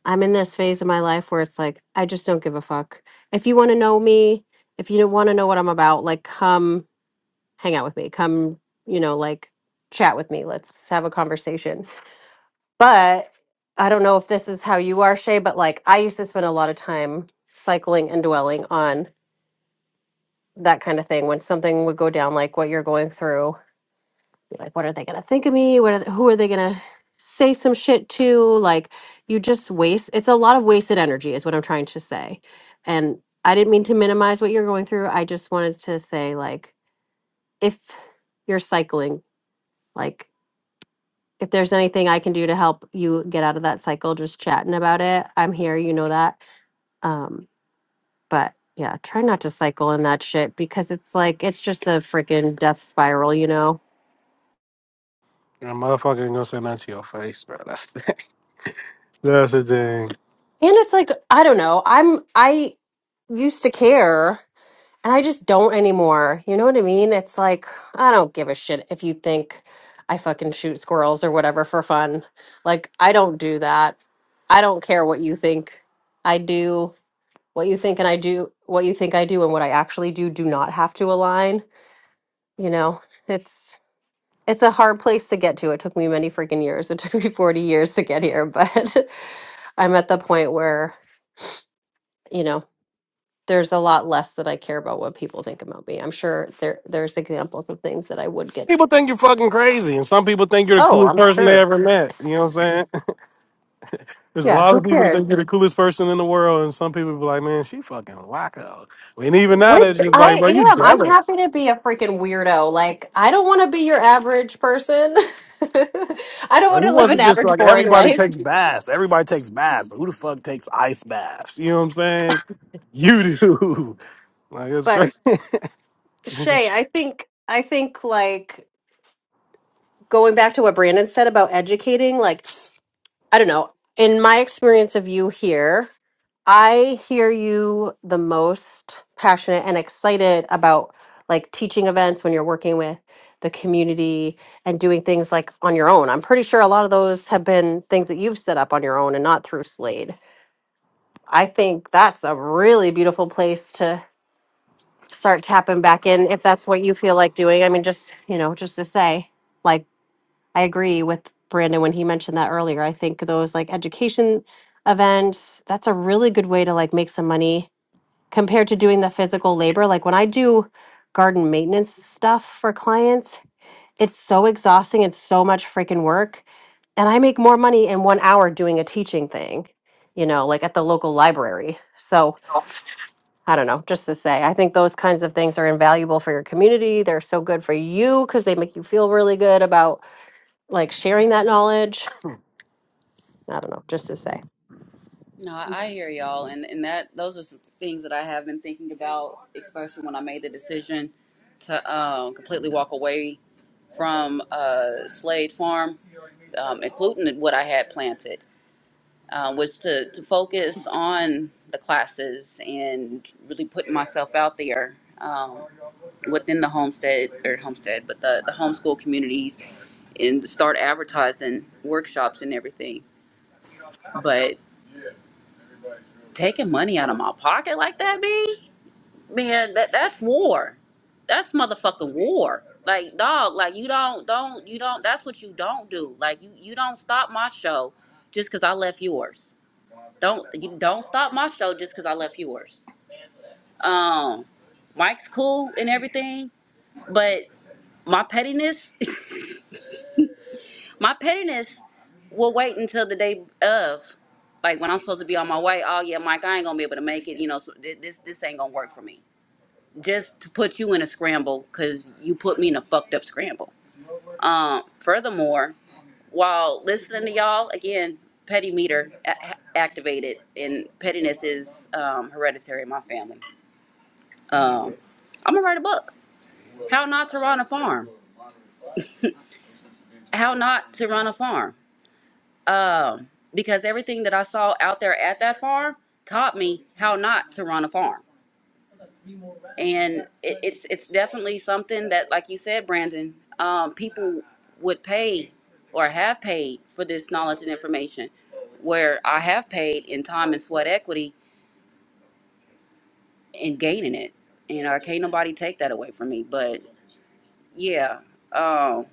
I'm in this phase of my life where it's like, I just don't give a fuck. If you want to know me, if you want to know what I'm about, like, come hang out with me. Come, you know, like, chat with me. Let's have a conversation. But I don't know if this is how you are, Shay, but like, I used to spend a lot of time cycling and dwelling on that kind of thing when something would go down, like what you're going through like what are they gonna think of me what are they, who are they gonna say some shit to like you just waste it's a lot of wasted energy is what i'm trying to say and i didn't mean to minimize what you're going through i just wanted to say like if you're cycling like if there's anything i can do to help you get out of that cycle just chatting about it i'm here you know that um but yeah try not to cycle in that shit because it's like it's just a freaking death spiral you know
And motherfucker ain't gonna say nothing to your face, bro. That's the That's the thing.
and it's like i don't know i'm i used to care and I just don't anymore. You know what I mean? It's like I don't give a shit if you think I fucking shoot squirrels or whatever for fun. Like I don't do that. I don't care what you think I do, what you think and I do, what you think I do and what I actually do do not have to align, you know. It's it's a hard place to get to. It took me many freaking years. It took me 40 years to get here, but I'm at the point where, you know, there's a lot less that I care about what people think about me. I'm sure there there's examples of things that I would get.
people think you're fucking crazy, and some people think you're the
Oh,
coolest
I'm
person they
sure.
ever met. You know what I'm saying? There's a
Yeah,
lot
who
of people that think
cares?
you're the coolest person in the world, and some people be like, "Man, she fucking wacko." And even now, they're
Which
just like,
I
"Bro, you
am. I'm happy to
jealous."
be a freaking weirdo. Like I don't want to be your average person. I don't
Like,
want
who
to live an
wasn't just
average
like
boring
everybody
life.
takes baths? Everybody takes baths, but who the fuck takes ice baths? You know what I'm saying? You do. Like it's
But
crazy.
Shay, I think I think like going back to what Brandon said about educating, like I don't know, in my experience of you here, I hear you the most passionate and excited about like teaching events when you're working with the community and doing things like on your own. I'm pretty sure a lot of those have been things that you've set up on your own and not through Slade. I think that's a really beautiful place to start tapping back in if that's what you feel like doing. I mean, just, you know, just to say, like, I agree with Brandon when he mentioned that earlier. I think those like education events, that's a really good way to like make some money compared to doing the physical labor. Like when I do garden maintenance stuff for clients, it's so exhausting. It's so much freaking work. And I make more money in one hour doing a teaching thing, you know, like at the local library. So I don't know, just to say, I think those kinds of things are invaluable for your community. They're so good for you because they make you feel really good about like sharing that knowledge. I don't know, just to say.
No, I I hear y'all, and and that those are some things that I have been thinking about, especially when I made the decision to um, completely walk away from uh, Slade Farm, um, including what I had planted, um, was to to focus on the classes and really putting myself out there um, within the homestead or homestead, but the the homeschool communities, and start advertising workshops and everything, but. Taking money out of my pocket like that, B? man, that that's war. That's motherfucking war. Like dog, like you don't don't you don't that's what you don't do. Like you you don't stop my show just cuz I left yours. Don't you don't stop my show just cuz I left yours. Um Mike's cool and everything, but my pettiness, my pettiness will wait until the day of like when I'm supposed to be on my way, oh yeah, Mike, I ain't gonna be able to make it. You know, so thi- this this ain't gonna work for me. just to put you in a scramble because you put me in a fucked up scramble. Um, furthermore, while listening to y'all, again, petty meter a- activated, and pettiness is um, hereditary in my family. Um, I'm gonna write a book. How not to run a farm. How not to run a farm. Um, because everything that I saw out there at that farm taught me how not to run a farm. and it, it's it's definitely something that, like you said, Brandon, um, people would pay or have paid for this knowledge and information. Where I have paid in time and sweat equity in gaining it, and I can't nobody take that away from me. But yeah, um,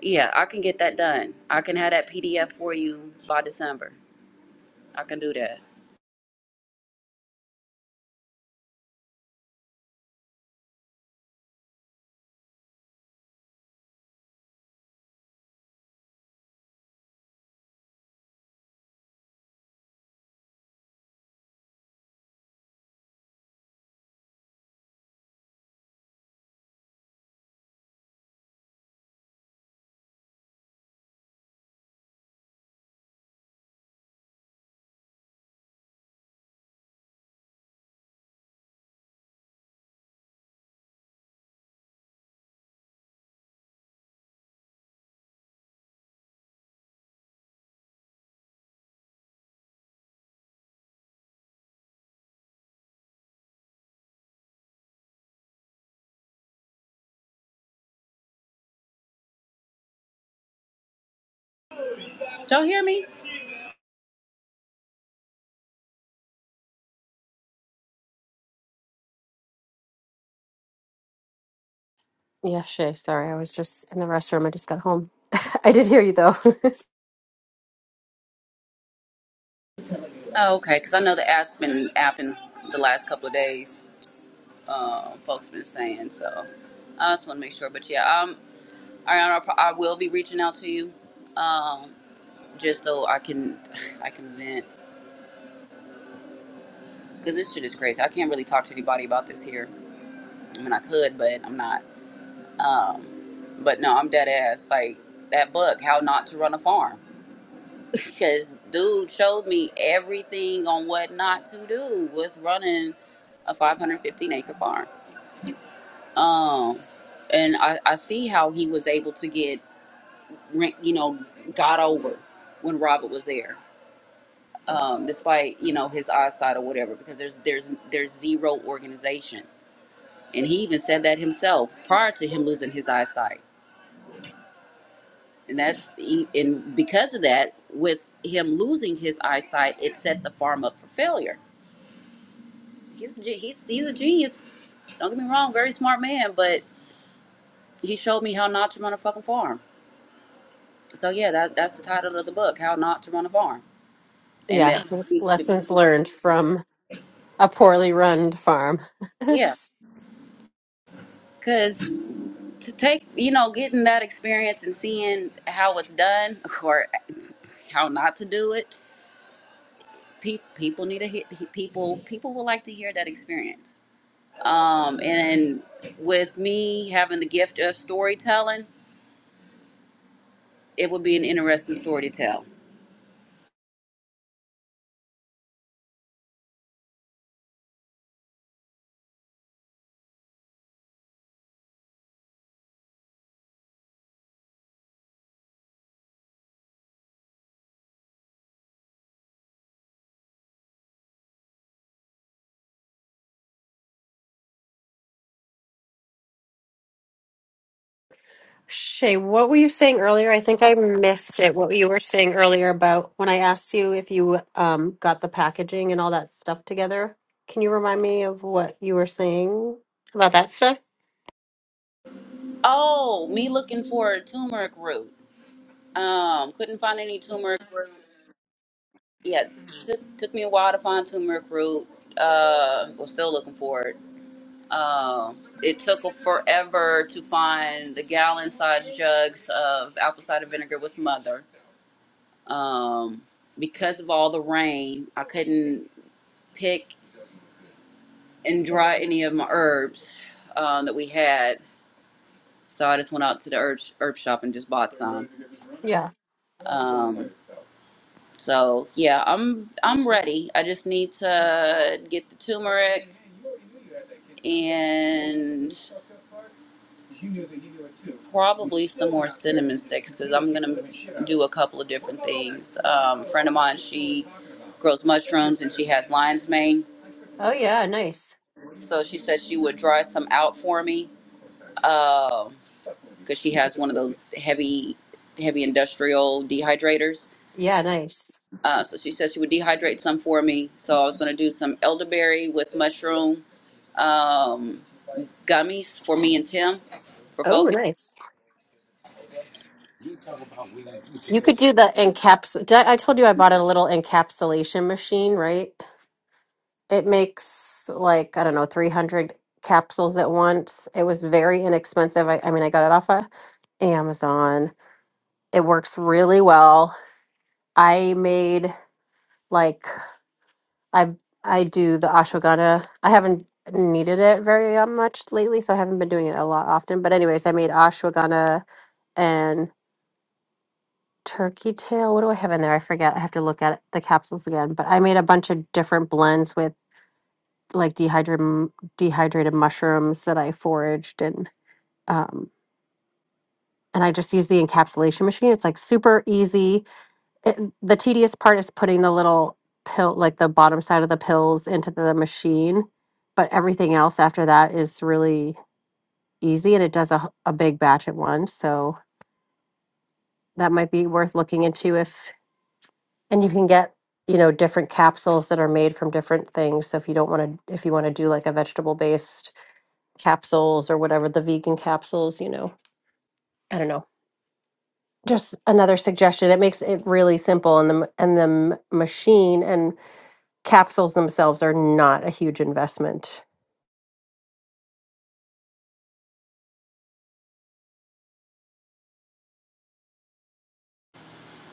yeah, I can get that done. I can have that PDF for you by December. I can do that. Y'all hear me?
Yeah, Shay, sorry. I was just in the restroom. I just got home. I did hear you though.
Oh, okay, because I know the app's been apping the last couple of days. um, folks been saying. So I just want to make sure. But yeah, um, Ariana, I I will be reaching out to you, um, just so I can, I can vent because this shit is crazy. I can't really talk to anybody about this here. I mean, I could, but I'm not. Um, but no, I'm dead ass. Like that book, How Not to Run a Farm, because dude showed me everything on what not to do with running a 515 acre farm. Um, and I, I see how he was able to get ran- you know, got over when Robert was there, um, despite you know his eyesight or whatever, because there's there's there's zero organization, and he even said that himself prior to him losing his eyesight, and that's he- and because of that, with him losing his eyesight, it set the farm up for failure. He's a ge- he's he's a genius. Don't get me wrong, very smart man, but he showed me how not to run a fucking farm. So yeah, that that's the title of the book, how not to run a farm, and
Yeah,
that
lessons learned from a poorly run farm.
yeah, 'cause to take you know getting that experience and seeing how it's done or how not to do it pe- people need to hit people people will like to hear that experience um and with me having the gift of storytelling it would be an interesting story to tell
Shay, what were you saying earlier? I think I missed it. What you were saying earlier about when I asked you if you um, got the packaging and all that stuff together. Can you remind me of what you were saying about that stuff?
oh me looking for a turmeric root um couldn't find any turmeric yeah took, took me a while to find turmeric root uh was still looking for it Um, it took forever to find the gallon-sized jugs of apple cider vinegar with mother. Um, because of all the rain, I couldn't pick and dry any of my herbs um, that we had. So I just went out to the herb, herb shop and just bought some.
Yeah.
Um, so yeah, I'm I'm ready. I just need to get the turmeric and probably some more cinnamon sticks because I'm gonna do a couple of different things. Um, a friend of mine, she grows mushrooms and she has lion's mane,
Oh, yeah. Nice.
so she said she would dry some out for me because she has one of those heavy, heavy industrial dehydrators.
Yeah, nice.
Uh, so she said she would dehydrate some for me. So I was gonna do some elderberry with mushroom um, gummies for me and Tim for
Oh,
focus.
nice. You could do the encaps. Did I I told you I bought a little encapsulation machine, right? It makes like, I don't know, 300 capsules at once. It was very inexpensive. I, I mean, I got it off of Amazon. It works really well. I made like I I do the ashwagandha. I haven't needed it very uh, much lately, so I haven't been doing it a lot often. But anyways, I made ashwagandha and turkey tail. What do I have in there? I forget. I have to look at the capsules again. But I made a bunch of different blends with like dehydrated dehydrated mushrooms that I foraged and um, and I just use the encapsulation machine. It's like super easy. It, the tedious part is putting the little pill, like the bottom side of the pills, into the machine. But everything else after that is really easy, and it does a a big batch at once. So that might be worth looking into if, and you can get you know different capsules that are made from different things. So if you don't want to, if you want to do like a vegetable based capsules or whatever the vegan capsules, you know, I don't know just another suggestion it makes it really simple and the m- and the m- machine and capsules themselves are not a huge investment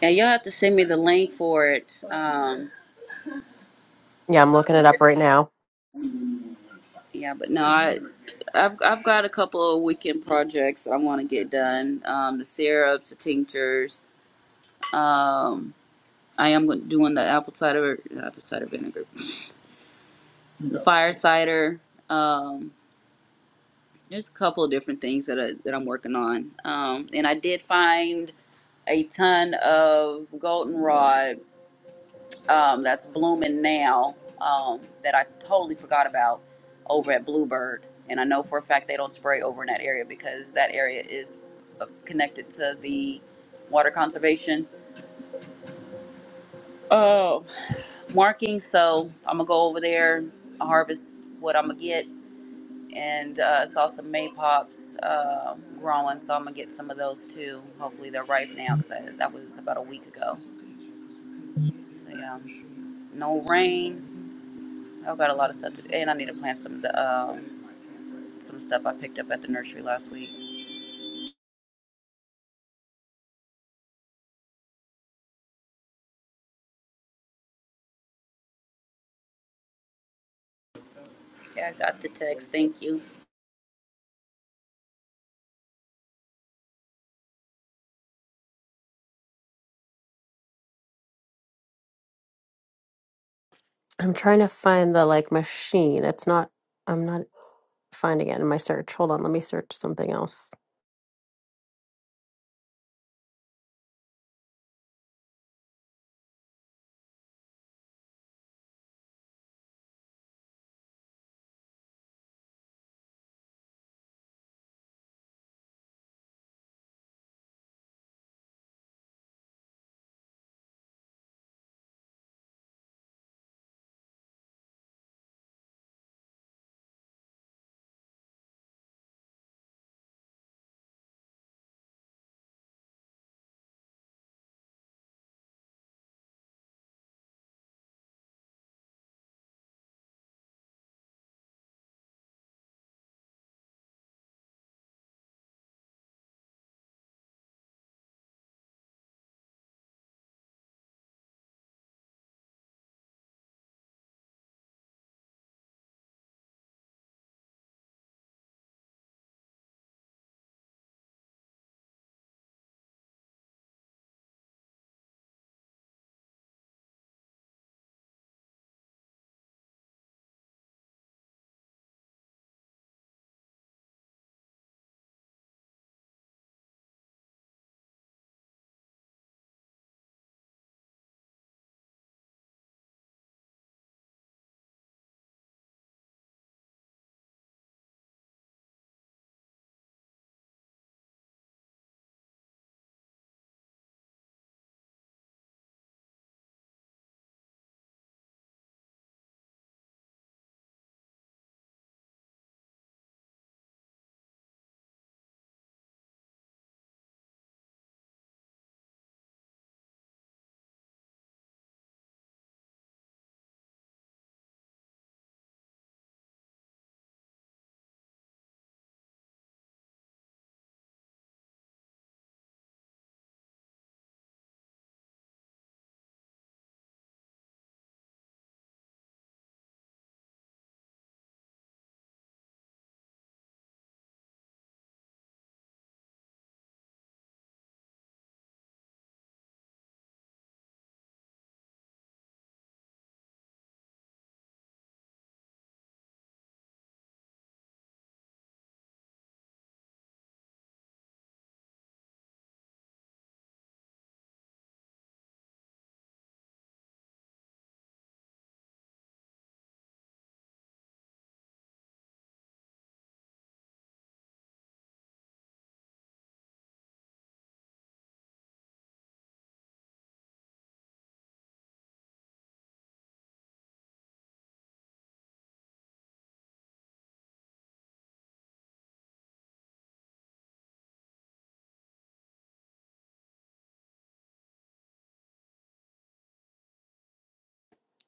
And you'll have to send me the link for it Um,
yeah i'm looking it up right now
Yeah, but no, I, I've I've got a couple of weekend projects I want to get done. Um, the syrups, the tinctures. Um, I am gon- doing the apple cider apple cider vinegar, the fire cider. Um, there's a couple of different things that I, that I'm working on. Um, and I did find a ton of goldenrod um, that's blooming now um, that I totally forgot about over at Bluebird. And I know for a fact they don't spray over in that area because that area is uh, connected to the water conservation uh, marking. So I'm gonna go over there, harvest what I'm gonna get, and uh, I saw some maypops uh, growing, so I'm gonna get some of those too. Hopefully they're ripe now because that was about a week ago. So yeah, no rain, I've got a lot of stuff to do, and I need to plant some of the um some stuff I picked up at the nursery last week. Yeah, I got the text. Thank you.
i'm trying to find the like machine it's not i'm not finding it in my search hold on let me search something else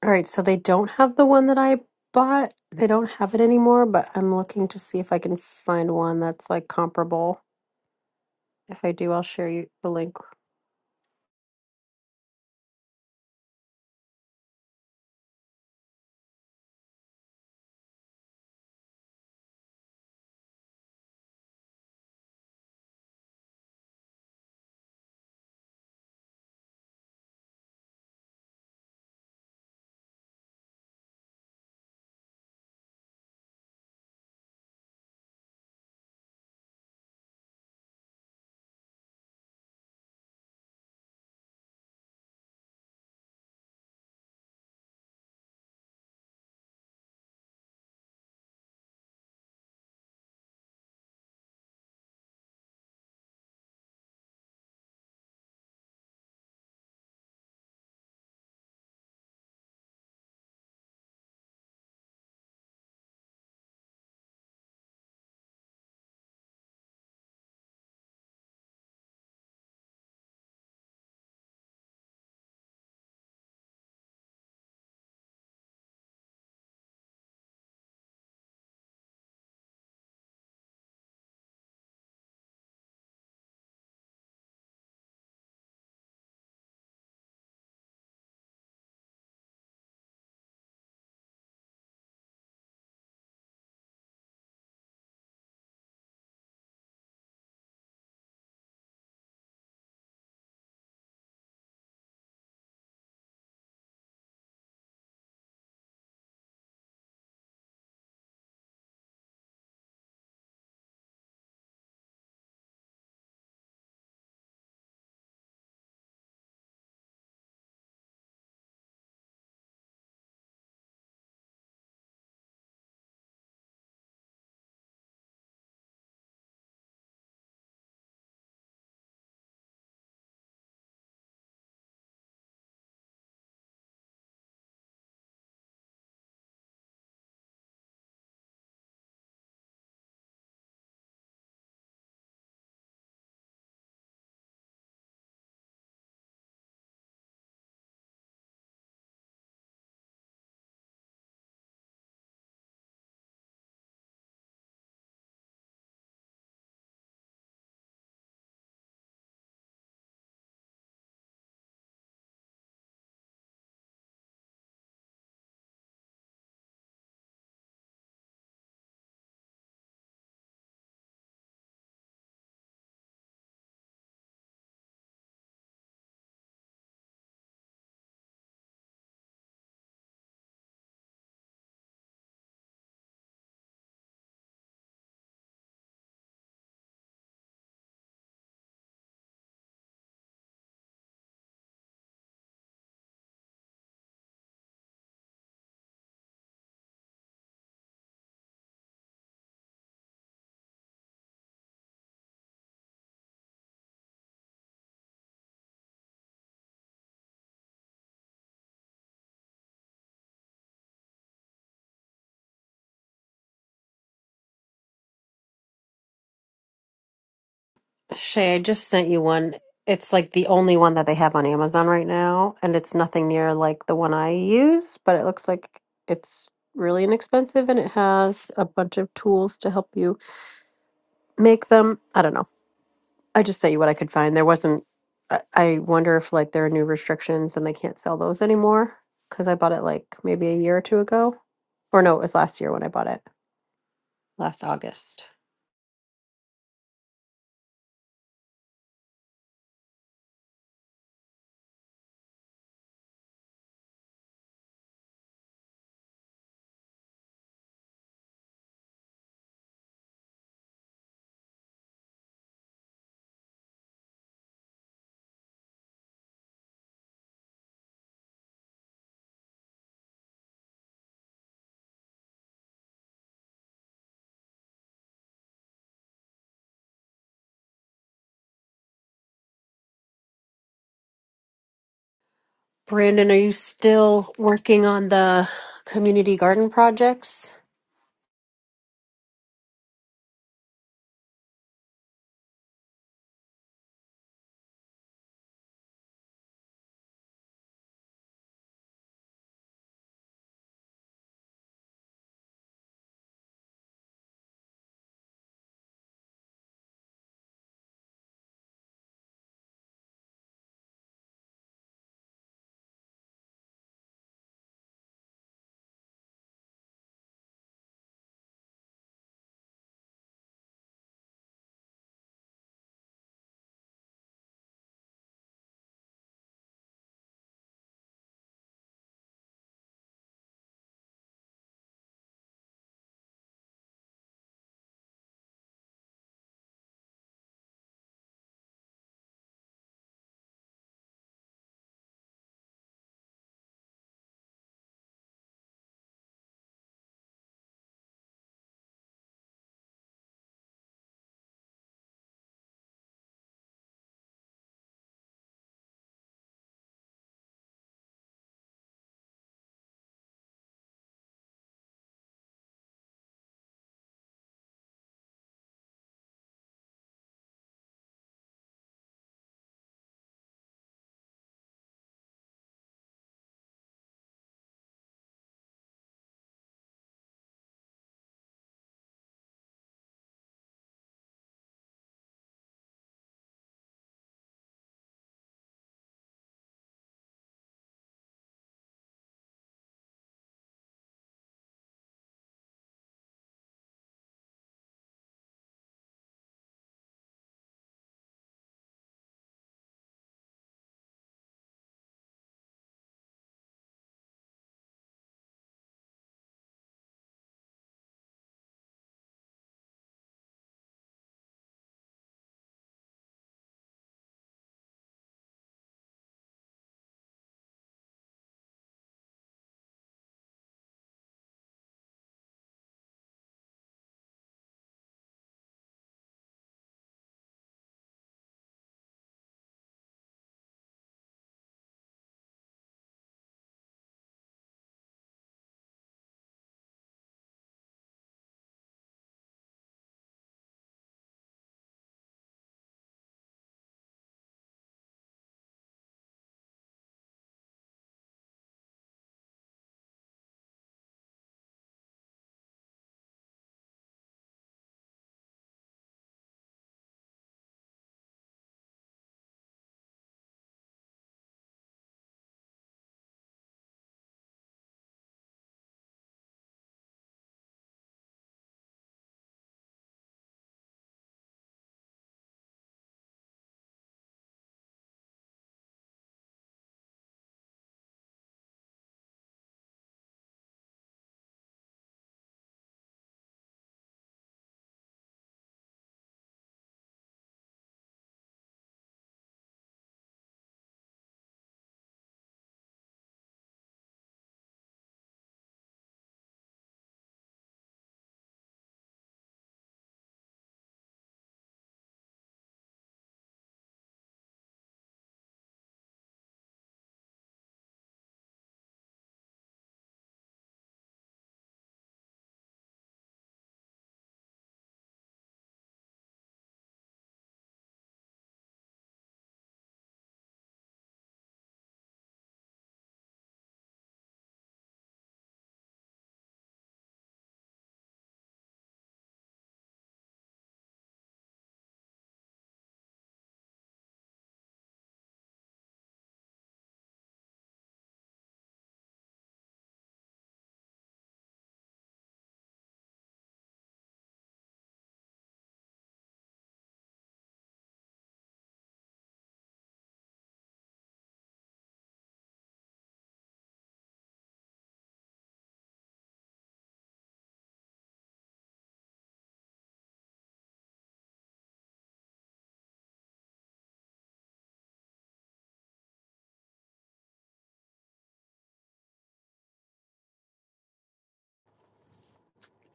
All right, so they don't have the one that I bought. They don't have it anymore, but I'm looking to see if I can find one that's like comparable. If I do, I'll share you the link. Shay, I just sent you one. It's like the only one that they have on Amazon right now, and it's nothing near like the one I use, but it looks like it's really inexpensive and it has a bunch of tools to help you make them. I don't know. I just sent you what I could find. There wasn't. I I wonder if like there are new restrictions and they can't sell those anymore because I bought it like maybe a year or two ago, or no, it was last year when I bought it, last August. Brandon, are you still working on the community garden projects?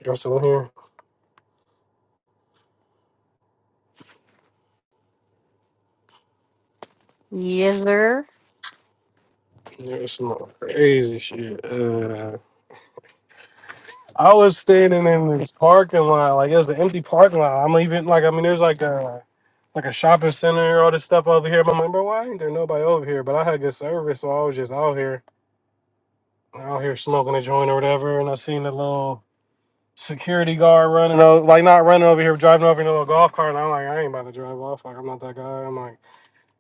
There's some here.
Yes, sir.
There's some crazy shit. Uh, I was standing in this parking lot, like it was an empty parking lot. I'm even like, I mean, there's like a like a shopping center, all this stuff over here. But I'm like, bro, why ain't there nobody over here? But I had good service, so I was just out here, out here smoking a joint or whatever. And I seen the little security guard running, over, like not running over here, driving over in a little golf cart. And I'm like, I ain't about to drive off. Like I'm not that guy. I'm like,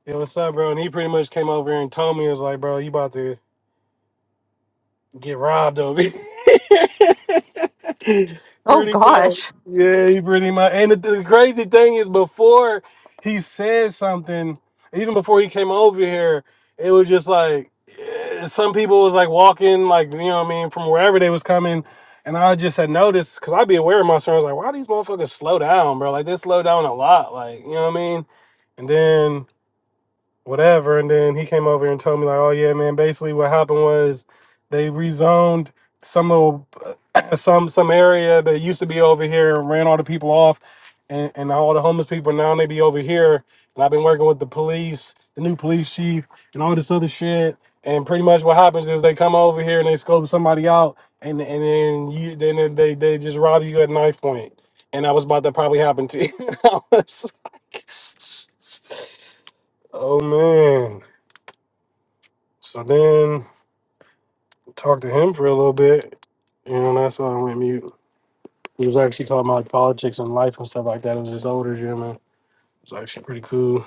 yo, what's up, bro? And he pretty much came over here and told me, it was like, bro, you about to Get robbed of it.
Oh
pretty much.
gosh,
Yeah, he pretty much. And the, the crazy thing is, before he said something, even before he came over here, it was just like eh, some people was like walking, like you know what I mean, from wherever they was coming. And I just had noticed because I'd be aware of my surroundings. Like, why these motherfuckers slow down, bro? Like, they slow down a lot. Like, you know what I mean? And then whatever. And then he came over and told me like, oh yeah, man. Basically, what happened was they rezoned some little some some area that used to be over here and ran all the people off, and and all the homeless people now they be over here. And I've been working with the police, the new police chief, and all this other shit. And pretty much what happens is they come over here and they scope somebody out, and and then you then they they just rob you at knife point. And that was about to probably happen to you. I was like, Oh man. So then talked to him for a little bit. You know, and that's why I went mute. He was actually talking about politics and life and stuff like that. It was his older gentleman. It was actually pretty cool.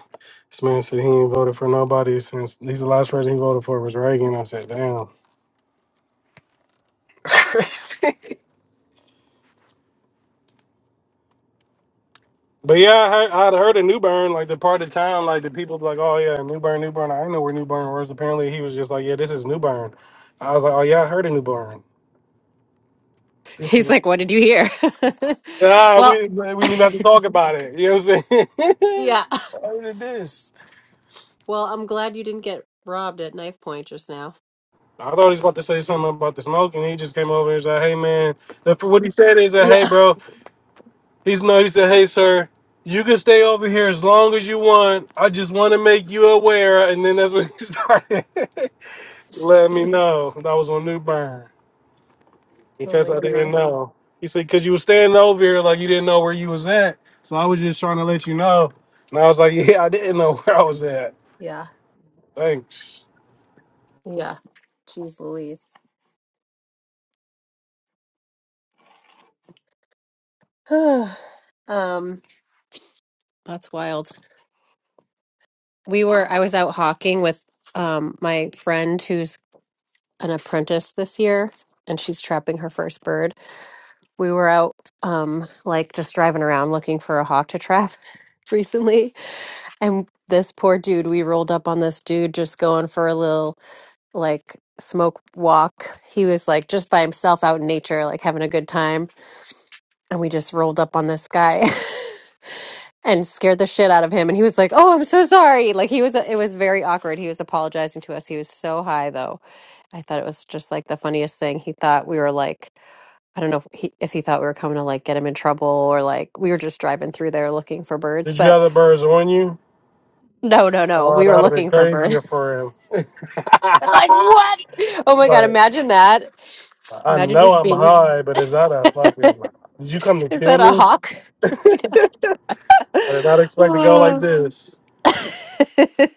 This man said he ain't voted for nobody since he's the last person he voted for was Reagan. I said, damn. That's crazy. But yeah, I heard, I'd heard of New Bern, like the part of town, like the people be like, oh yeah, New Bern, New Bern. I didn't know where New Bern was. Apparently, he was just like, yeah, this is New Bern. I was like, oh yeah, I heard of New Bern.
he's like, what did you hear?
Ah,
well,
we we didn't even have to talk about it. You know what I'm saying?
yeah.
How did this?
Well, I'm glad you didn't get robbed at knife point just now.
I thought he was about to say something about the smoke, and he just came over and said, "Hey, man." The, what he said is that, "Hey,
Yeah.
bro." He's no. He said, "Hey, sir." You can stay over here as long as you want. I just want to make you aware, and then that's when he started. Let me know. That was on New Bern
Oh
because
my
I
gosh.
didn't know. He said because you was standing over here like you didn't know where you was at, so I was just trying to let you know. And I was like, yeah, I didn't know where I was at.
Yeah.
Thanks.
Yeah. Jeez Louise. um, that's wild. We were I was out hawking with um my friend who's an apprentice this year and she's trapping her first bird. We were out um like just driving around looking for a hawk to trap recently. And this poor dude, we rolled up on this dude just going for a little like smoke walk. He was like just by himself out in nature, like having a good time. And we just rolled up on this guy. and scared the shit out of him. And he was like, "Oh, I'm so sorry." Like he was, it was very awkward. He was apologizing to us. He was so high though. I thought it was just like the funniest thing. He thought we were like, I don't know if he if he thought we were coming to like get him in trouble or like we were just driving through there looking for birds.
Did you
But
have the birds on you?
no, no, no,
Oh,
we
that
were
would have been
looking for birds.
crazier for him.
like what? Oh my god!
like,
Imagine that.
I
Imagine
know
just
I'm
being. Is
high, but is that a fucking. Did you come to kill
that a
me?
hawk? right now.
I did not expect to go like
Oh.
this.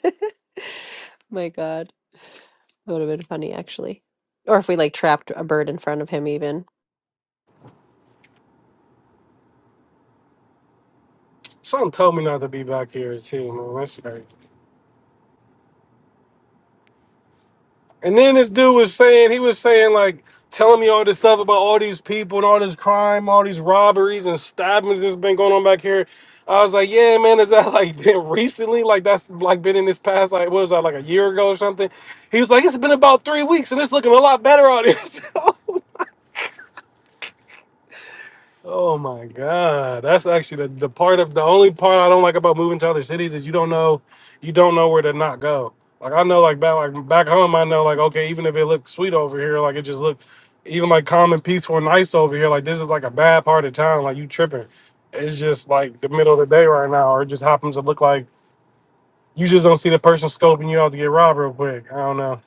my god. It would have been funny, actually. Or if we like trapped a bird in front of him, even.
Something told me not to be back here, too, man. That's crazy. And then this dude was saying, he was saying, like, telling me all this stuff about all these people and all this crime, all these robberies and stabbings that's been going on back here. I was like, yeah, man, is that like been recently? Like, that's like been in this past, like, what was that, like a year ago or something? He was like, it's been about three weeks and it's looking a lot better out here. Oh my god, that's actually the, the part of the only part I don't like about moving to other cities is you don't know you don't know where to not go. Like I know, like back like back home, I know like okay, even if it looks sweet over here, like it just looked even like calm and peaceful and nice over here. Like this is like a bad part of town. Like you tripping. It's just like the middle of the day right now, or it just happens to look like you just don't see the person scoping you out to get robbed real quick. I don't know.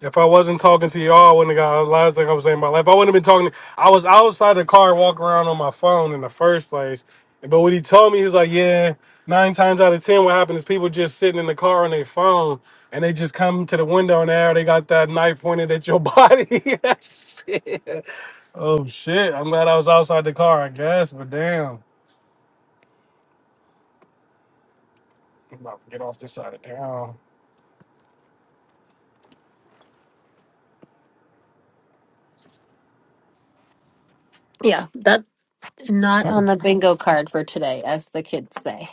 If I wasn't talking to y'all, I wouldn't have got a lot of I was saying about life. I wouldn't have been talking. I was outside the car, walking around on my phone in the first place. But what he told me, he was like, "Yeah, nine times out of ten, what happened is people just sitting in the car on their phone, and they just come to the window and there they got that knife pointed at your body." Shit. Oh shit! I'm glad I was outside the car, I guess. But damn, I'm about to get off this side of town.
Yeah, that not on the bingo card for today, as the kids say.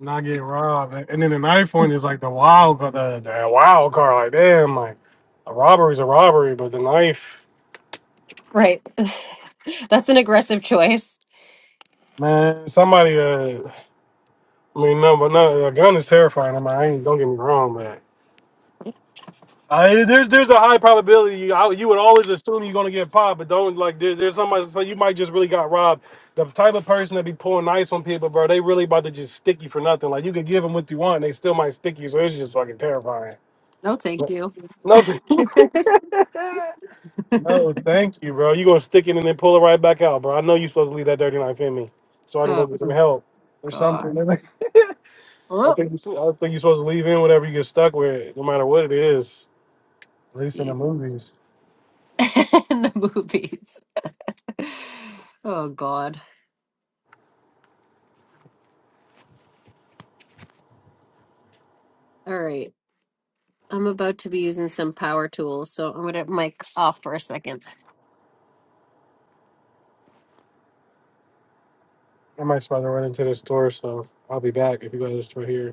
not getting robbed. And and then the knife one is like the wild, ca- the, the wild card. Like damn, like a robbery's a robbery, but the knife,
Right. That's an aggressive choice.
man, somebody. Uh, I mean, no, but no, a gun is terrifying. I mean, I ain't, don't get me wrong, man. I, there's there's a high probability you, I, you would always assume you're gonna get popped, but don't like there, there's somebody so you might just really got robbed. The type of person that be pulling knives on people, bro, they really about to just stick you for nothing. Like you could give them what you want, and they still might stick you. So it's just fucking terrifying.
No, thank you.
No, Oh, thank you, bro. You gonna stick it and then pull it right back out, bro. I know you're supposed to leave that dirty knife in me, so I can go
Oh
get some help or something.
God.
I
Oh
think you I think you're supposed to leave in whatever you get stuck with, no matter what it is. At least in the
Jesus.
movies,
And the movies. Oh God. All right. I'm about to be using some power tools, so I'm gonna mic off for a second.
I might just about to run into the store, so I'll be back if you go to the store here.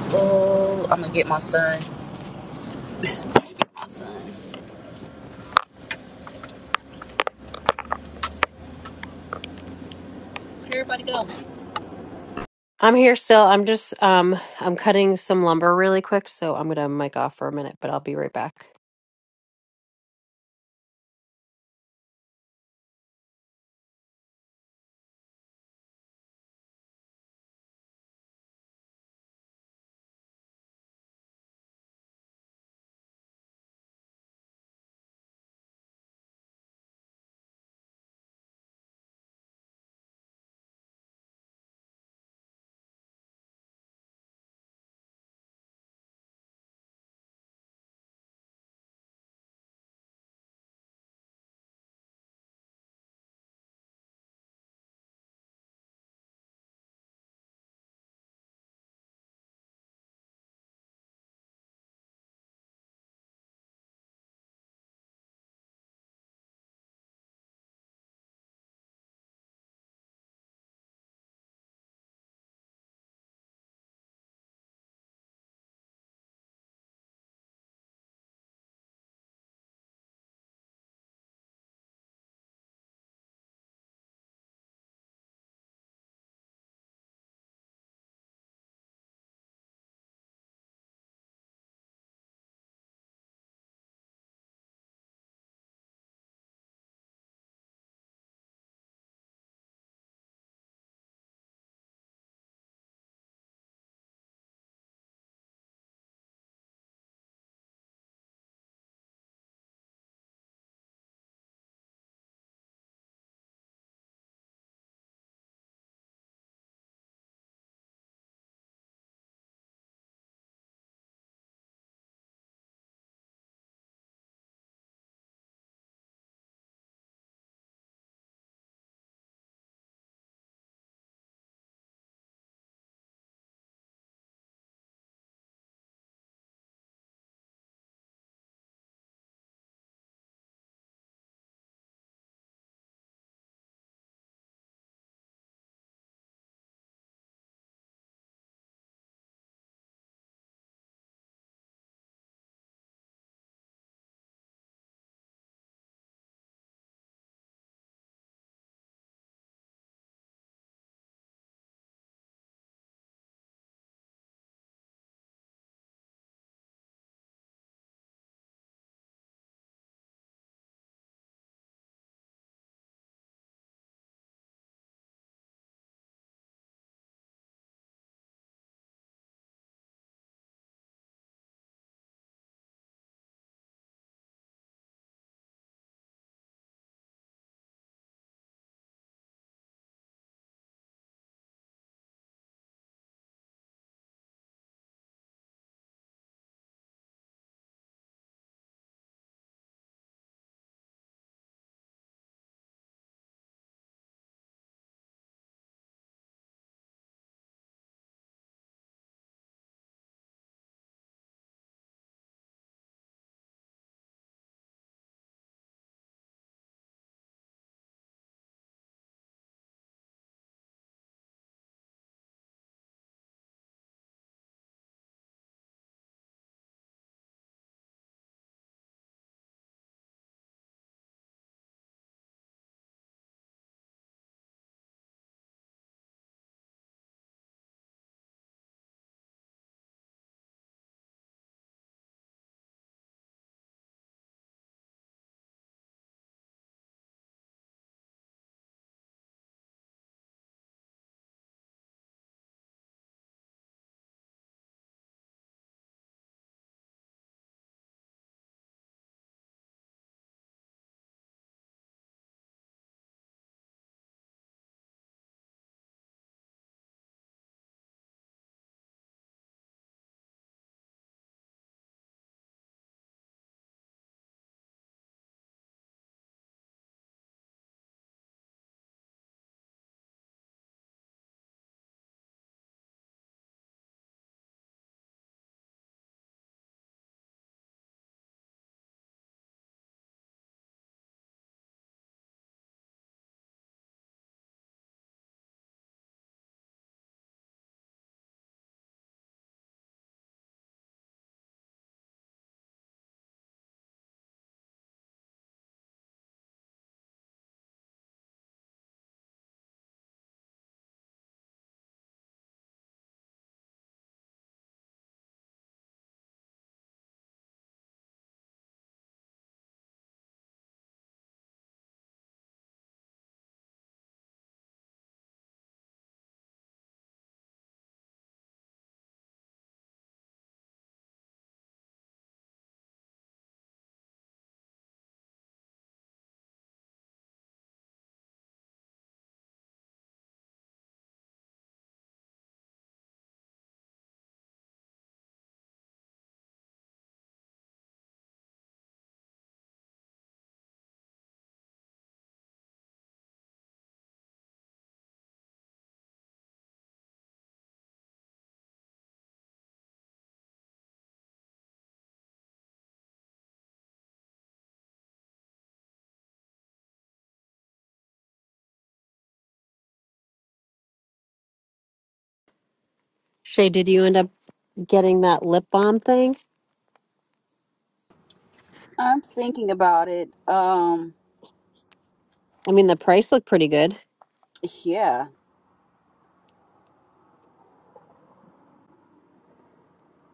Oh, I'm gonna get my son. where everybody go?
I'm here still. I'm just um I'm cutting some lumber really quick, so I'm gonna mic off for a minute, but I'll be right back. Shay, did you end up getting that lip balm thing?
I'm thinking about it. Um,
I mean, the price looked pretty good.
yeah,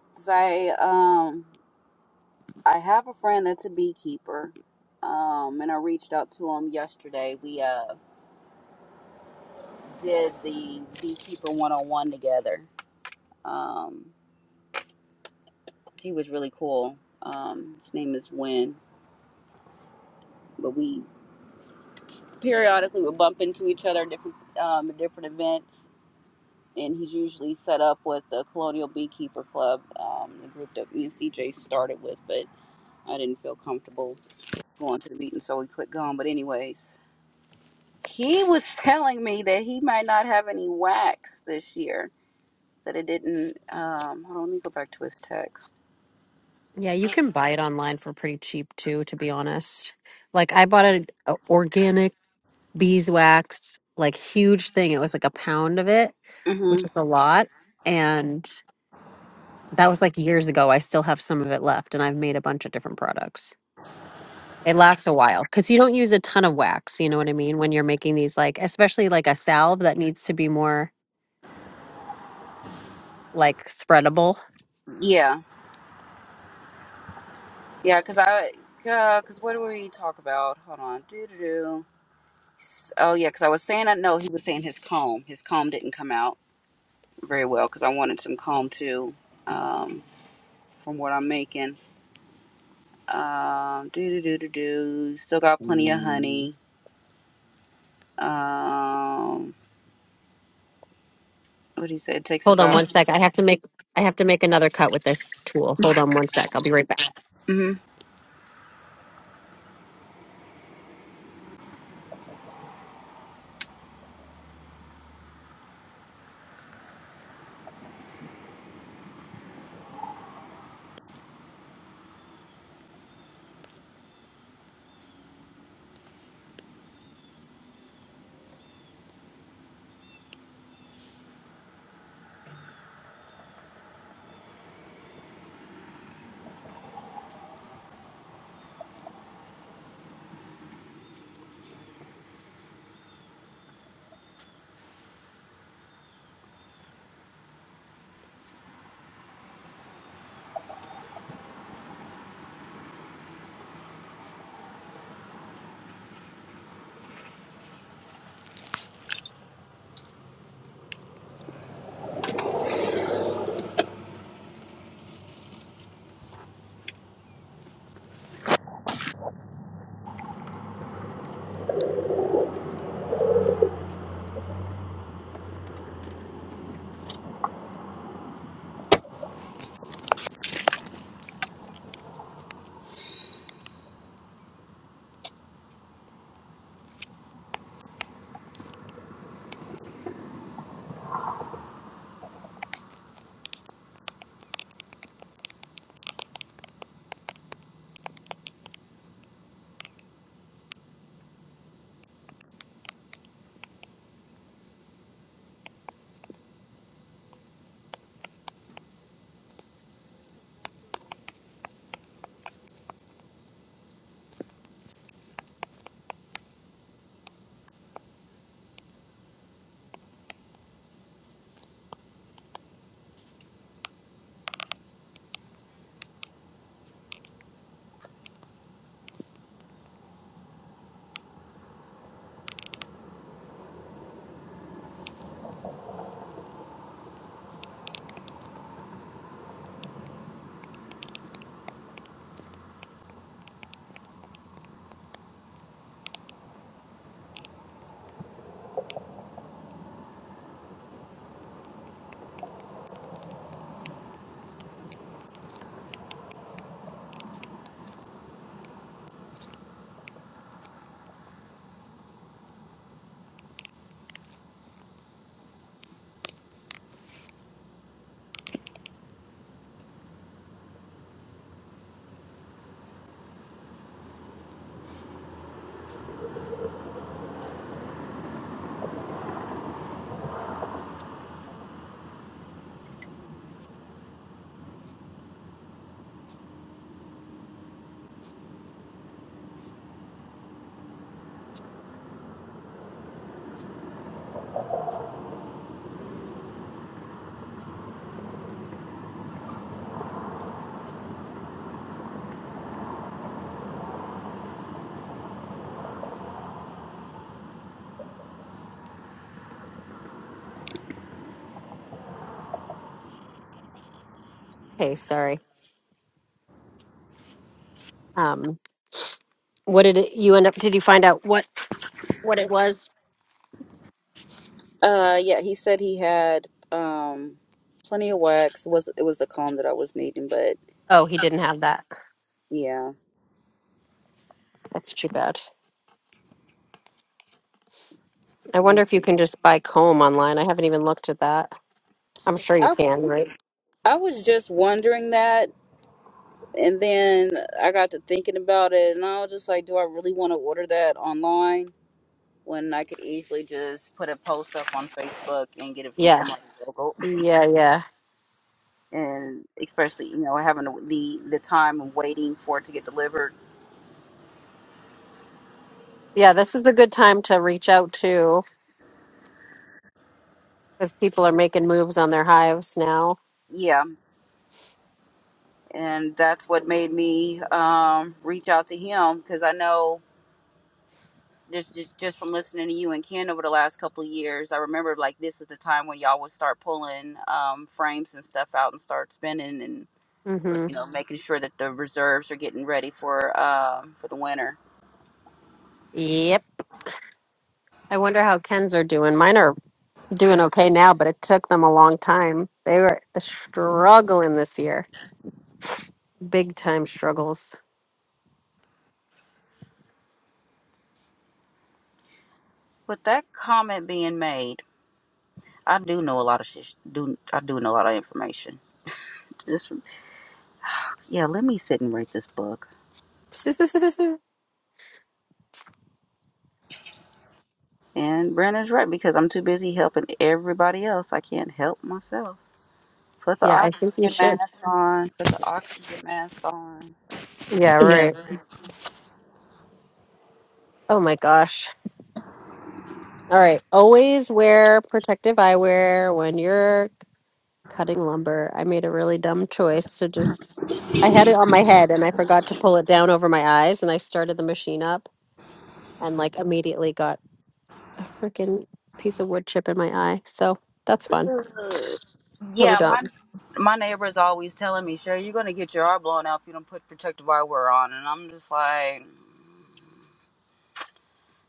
because I um I have a friend that's a beekeeper. Um, and I reached out to him yesterday. We uh did the beekeeper one on one together. Um, he was really cool. Um, his name is Win, but we periodically we bump into each other at different um, at different events, and he's usually set up with the Colonial Beekeeper Club, um, the group that me and CJ started with, but I didn't feel comfortable going to the meeting, so we quit going. But anyways, he was telling me that he might not have any wax this year. That it didn't. Um, hold on, let me go back to his text.
Yeah, you can buy it online for pretty cheap too, to be honest. Like I bought an a organic beeswax, like huge thing. It was like a pound of it, which
Mm-hmm.
is a lot, and that was like years ago. I still have some of it left, and I've made a bunch of different products. It lasts a while because you don't use a ton of wax. You know what I mean? When you're making these, like, especially like a salve that needs to be more like spreadable.
Yeah, yeah, because I. Uh, cause what do we talk about? Hold on. Do do do. Oh yeah, because I was saying I know he was saying his comb. His comb didn't come out very well because I wanted some comb too. Um, from what I'm making, um, do do do do do. Still got plenty of honey. Um, what did he said it takes
Hold on
about.
one sec. I have to make, I have to make another cut with this tool. Hold on one sec. I'll be right back.
hmm
Hey, sorry. Um, what did it, you end up? Did you find out what what it was?
Uh, yeah, he said he had um plenty of wax. It was it was the comb that I was needing, but
Oh, he didn't have that.
yeah,
That's too bad. I wonder if you can just buy comb online. I haven't even looked at that. I'm sure you
I
can, right?
I was just wondering that and then I got to thinking about it, and I was just like, do I really want to order that online? when I could easily just put a post up on Facebook and get it from
Yeah,
somebody local.
yeah, yeah,
And especially, you know, having the the time of waiting for it to get delivered.
yeah. This is a good time to reach out to because people are making moves on their hives now.
Yeah, and that's what made me um, reach out to him because I know just, just just from listening to you and Ken over the last couple of years, I remember like this is the time when y'all would start pulling um, frames and stuff out and start spinning and
Mm-hmm.
you know making sure that the reserves are getting ready for um, for the winter.
Yep. I wonder how Ken's are doing. Mine are doing okay now, but it took them a long time. They were struggling this year, big time struggles.
With that comment being made, I do know a lot of shit. Do I do know a lot of information? This, yeah. Let me sit and write this book. And Brandon's right because I'm too busy helping everybody else. I can't help myself. Put the
Yeah, I think you
oxygen mask
should.
on. Put the oxygen mask on.
Yeah, right. Oh my gosh. All right. Always wear protective eyewear when you're cutting lumber. I made a really dumb choice to just, I had it on my head and I forgot to pull it down over my eyes and I started the machine up and like immediately got a freaking piece of wood chip in my eye. So that's fun.
Ugh.
So
Yeah, my
dumb.
my neighbor's always telling me, "Sure, you're gonna get your eye blown out if you don't put protective eyewear on." And I'm just like,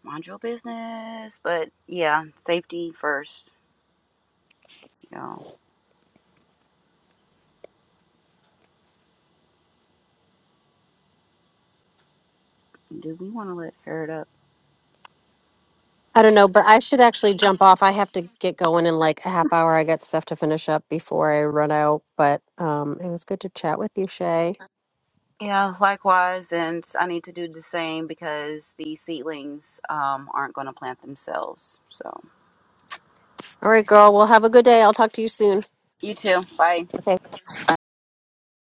"Mind your business." But yeah, safety first. Y'all, do we want to let Herod up?
I don't know, but I should actually jump off. I have to get going in like a half hour. I got stuff to finish up before I run out. But um, it was good to chat with you, Shay.
Yeah, likewise, and I need to do the same because the seedlings um, aren't going to plant themselves. So,
All right, girl. Well, have a good day. I'll talk to you soon.
you too. Bye.
Okay.